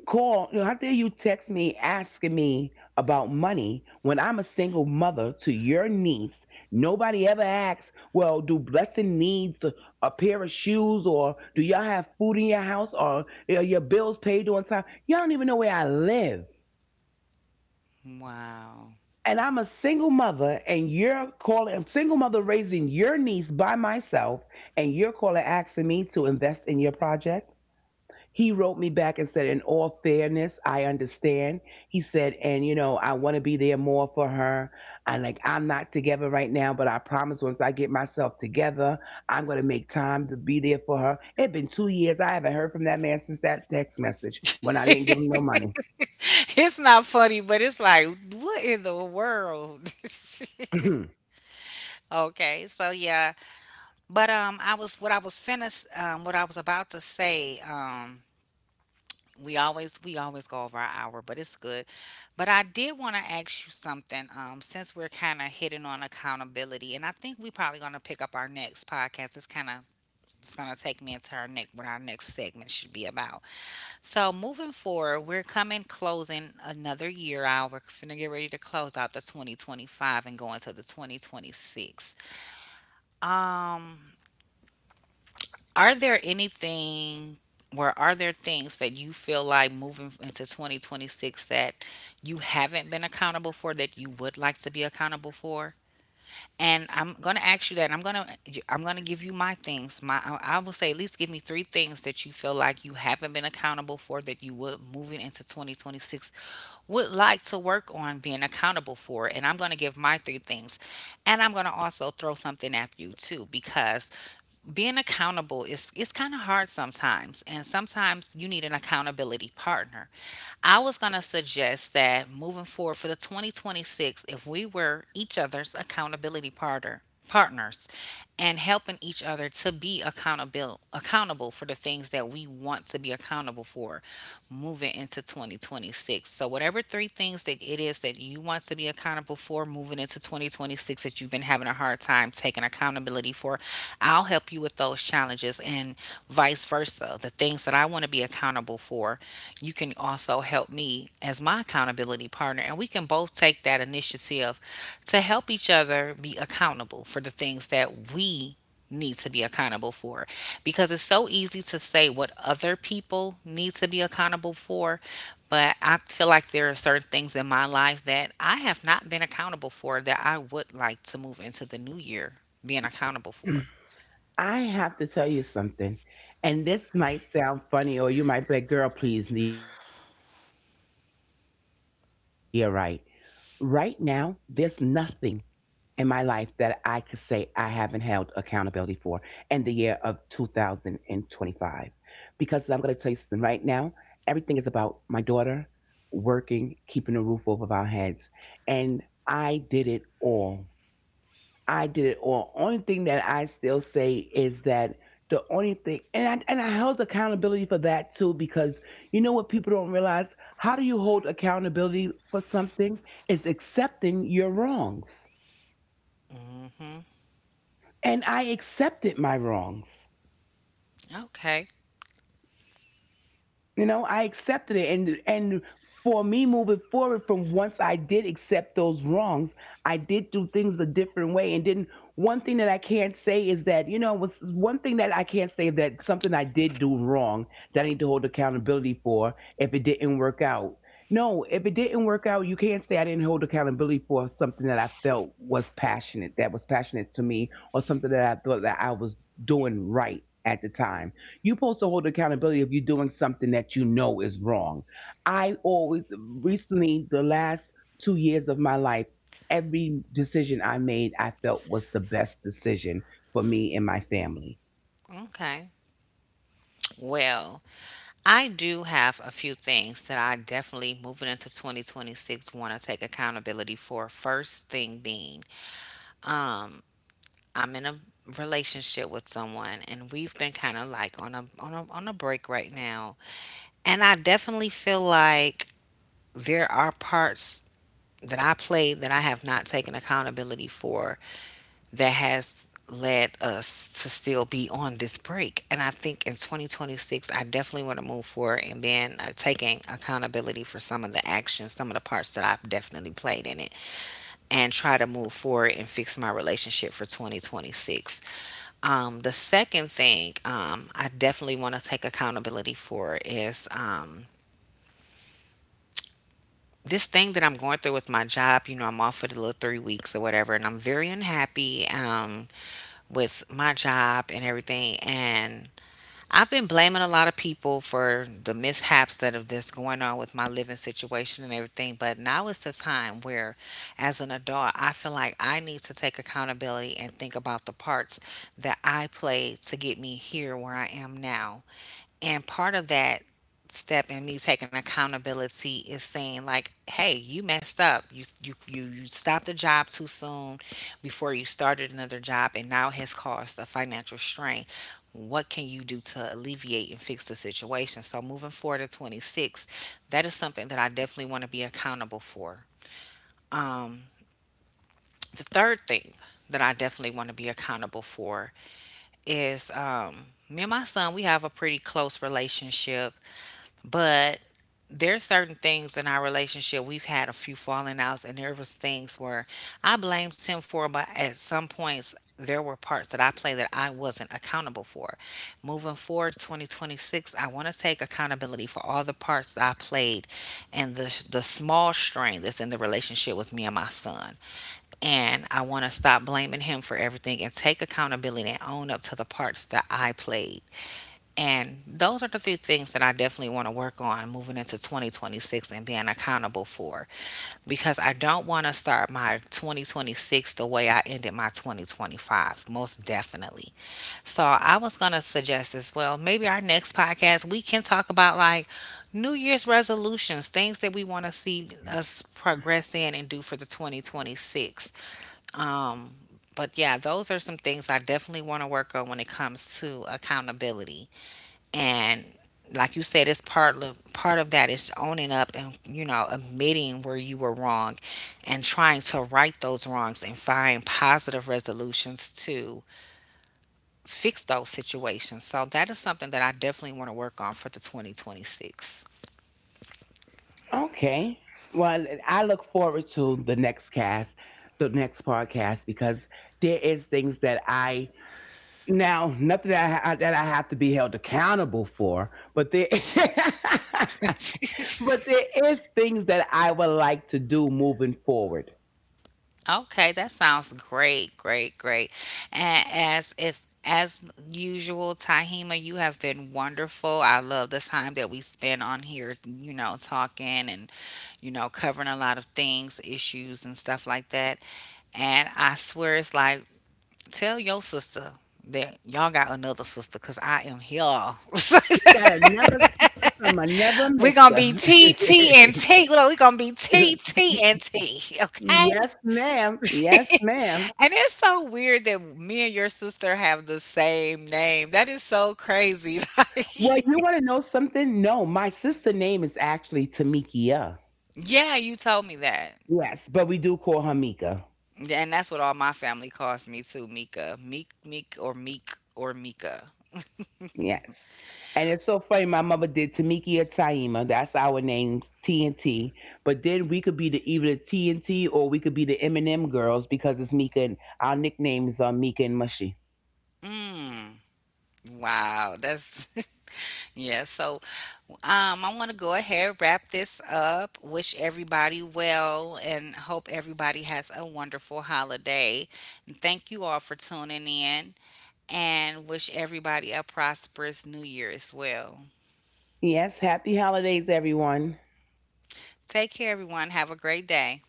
Speaker 2: call, you know, how dare you text me asking me about money when I'm a single mother to your niece? Nobody ever asks, well, do Blessing needs a pair of shoes or do y'all have food in your house or are your bills paid on time? Y'all don't even know where I live.
Speaker 1: Wow.
Speaker 2: And I'm a single mother and you're calling, a single mother raising your niece by myself and you're calling asking me to invest in your project? He wrote me back and said, in all fairness, I understand. He said, and you know, I want to be there more for her. I like, I'm not together right now, but I promise once I get myself together, I'm going to make time to be there for her. It had been 2 years. I haven't heard from that man since that text message when I didn't give him no money.
Speaker 1: It's not funny, but it's like, what in the world? Okay, so yeah. But I was what I was finna what I was about to say. We always go over our hour, but it's good. But I did want to ask you something, since we're kind of hitting on accountability, and I think we probably going to pick up our next podcast. It's kind of, it's going to take me into our next, what our next segment should be about. So moving forward, we're coming closing another year out. We're finna get ready to close out the 2025 and go into the 2026. um Are there anything, or are there things that you feel like moving into 2026, that you haven't been accountable for, that you would like to be accountable for? And I'm going to ask you that. And I'm going to, give you my things. My I will say, at least give me 3 things that you feel like you haven't been accountable for, that you would, moving into 2026, would like to work on being accountable for. And I'm going to give my 3 things. And I'm going to also throw something at you too, because being accountable is, it's kind of hard sometimes, and sometimes you need an accountability partner. I was going to suggest that moving forward for the 2026, if we were each other's accountability partners, and helping each other to be accountable for the things that we want to be accountable for moving into 2026. So whatever three things that it is that you want to be accountable for or moving into 2026 that you've been having a hard time taking accountability for, I'll help you with those challenges, and vice versa. The things that I want to be accountable for, you can also help me as my accountability partner. And we can both take that initiative to help each other be accountable for the things that we need to be accountable for, because it's so easy to say what other people need to be accountable for, but I feel like there are certain things in my life that I have not been accountable for that I would like to move into the new year being accountable for.
Speaker 2: I have to tell you something, and this might sound funny, or you might be like, girl, please, Nia, right. Right now, there's nothing in my life that I could say I haven't held accountability for in the year of 2025. Because I'm going to tell you something right now, everything is about my daughter working, keeping a roof over our heads. And I did it all I did it all. Only thing that I still say is that the only thing, and I held accountability for that too, because you know what people don't realize? How do you hold accountability for something? It's accepting your wrongs.
Speaker 1: Hmm.
Speaker 2: And I accepted my wrongs.
Speaker 1: Okay.
Speaker 2: You know, I accepted it and for me moving forward from once I did accept those wrongs, I did do things a different way and then one thing that I can't say is that, you know, was one thing that I can't say that something I did do wrong that I need to hold accountability for if it didn't work out. No, if it didn't work out, you can't say I didn't hold accountability for something that I felt was passionate, that was passionate to me, or something that I thought that I was doing right at the time you're supposed to hold accountability if you're doing something that you know is wrong. I always, recently, the last 2 years of my life, every decision I made, I felt was the best decision for me and my family.
Speaker 1: Okay, well, I do have a few things that I definitely moving into 2026 want to take accountability for. First thing being um, I'm in a relationship with someone and we've been kind of like on a break right now. And I definitely feel like there are parts that I played that I have not taken accountability for, that has led us to still be on this break. And I think in 2026 I definitely want to move forward and being taking accountability for some of the actions, some of the parts that I've definitely played in it, and try to move forward and fix my relationship for 2026. The second thing I definitely want to take accountability for is this thing that I'm going through with my job. You know, I'm off for the little 3 weeks or whatever, and I'm very unhappy with my job and everything. And I've been blaming a lot of people for the mishaps that have that's going on with my living situation and everything, but now is the time where, as an adult, I feel like I need to take accountability and think about the parts that I played to get me here where I am now. And part of that step in me taking accountability is saying like, hey, you messed up, you stopped the job too soon before you started another job and now has caused a financial strain. What can you do to alleviate and fix the situation? So moving forward to 26, that is something that I definitely want to be accountable for. The third thing that I definitely want to be accountable for is me and my son. We have a pretty close relationship, but there's certain things in our relationship. We've had a few falling outs, and there was things where I blamed him for, but at some points there were parts that I played that I wasn't accountable for. Moving forward, 2026, I want to take accountability for all the parts that I played and the small strain that's in the relationship with me and my son, and I want to stop blaming him for everything and take accountability and own up to the parts that I played. And those are the three things that I definitely want to work on moving into 2026 and being accountable for, because I don't want to start my 2026 the way I ended my 2025, most definitely. So I was going to suggest as well, maybe our next podcast we can talk about like New Year's resolutions, things that we want to see us progress in and do for the 2026. Um, but yeah, those are some things I definitely want to work on when it comes to accountability. And like you said, it's part of that is owning up and, you know, admitting where you were wrong and trying to right those wrongs and find positive resolutions to fix those situations. So that is something that I definitely want to work on for the 2026.
Speaker 2: Okay. Well, I look forward to the next cast, the next podcast, because there is things that I now nothing that I have to be held accountable for, but there but there is things that I would like to do moving forward.
Speaker 1: Okay, that sounds great, great, great. And as it's as usual, Tahima, you have been wonderful. I love the time that we spent on here, you know, talking and, you know, covering a lot of things, issues, and stuff like that. And I swear it's like, tell your sister that y'all got another sister because I am here.
Speaker 2: We got another sister from another
Speaker 1: We going to
Speaker 2: mister.
Speaker 1: be T, T, and T. Look, we going to be T, T, and T. Okay?
Speaker 2: yes, ma'am. Yes, ma'am.
Speaker 1: And it's so weird that me and your sister have the same name. That is so crazy.
Speaker 2: Well, you
Speaker 1: Like,
Speaker 2: want to know something? No, my sister name is actually Tamikia.
Speaker 1: yeah, you told me that.
Speaker 2: Yes, but we do call her Mika.
Speaker 1: Yeah, and that's what all my family calls me too, Mika. Meek, Meek, or Meek, or Mika.
Speaker 2: Yes. And it's so funny, my mother did Tamiki or Taima. That's our names, T and T. But then we could be the either T and T, or we could be the Eminem girls because it's Mika and our nicknames are Mika and Mushy.
Speaker 1: Mm. Wow, that's yeah. So, I want to go ahead wrap this up. Wish everybody well, and hope everybody has a wonderful holiday. And thank you all for tuning in, and wish everybody a prosperous New Year as well.
Speaker 2: Yes, happy holidays, everyone.
Speaker 1: Take care, everyone. Have a great day.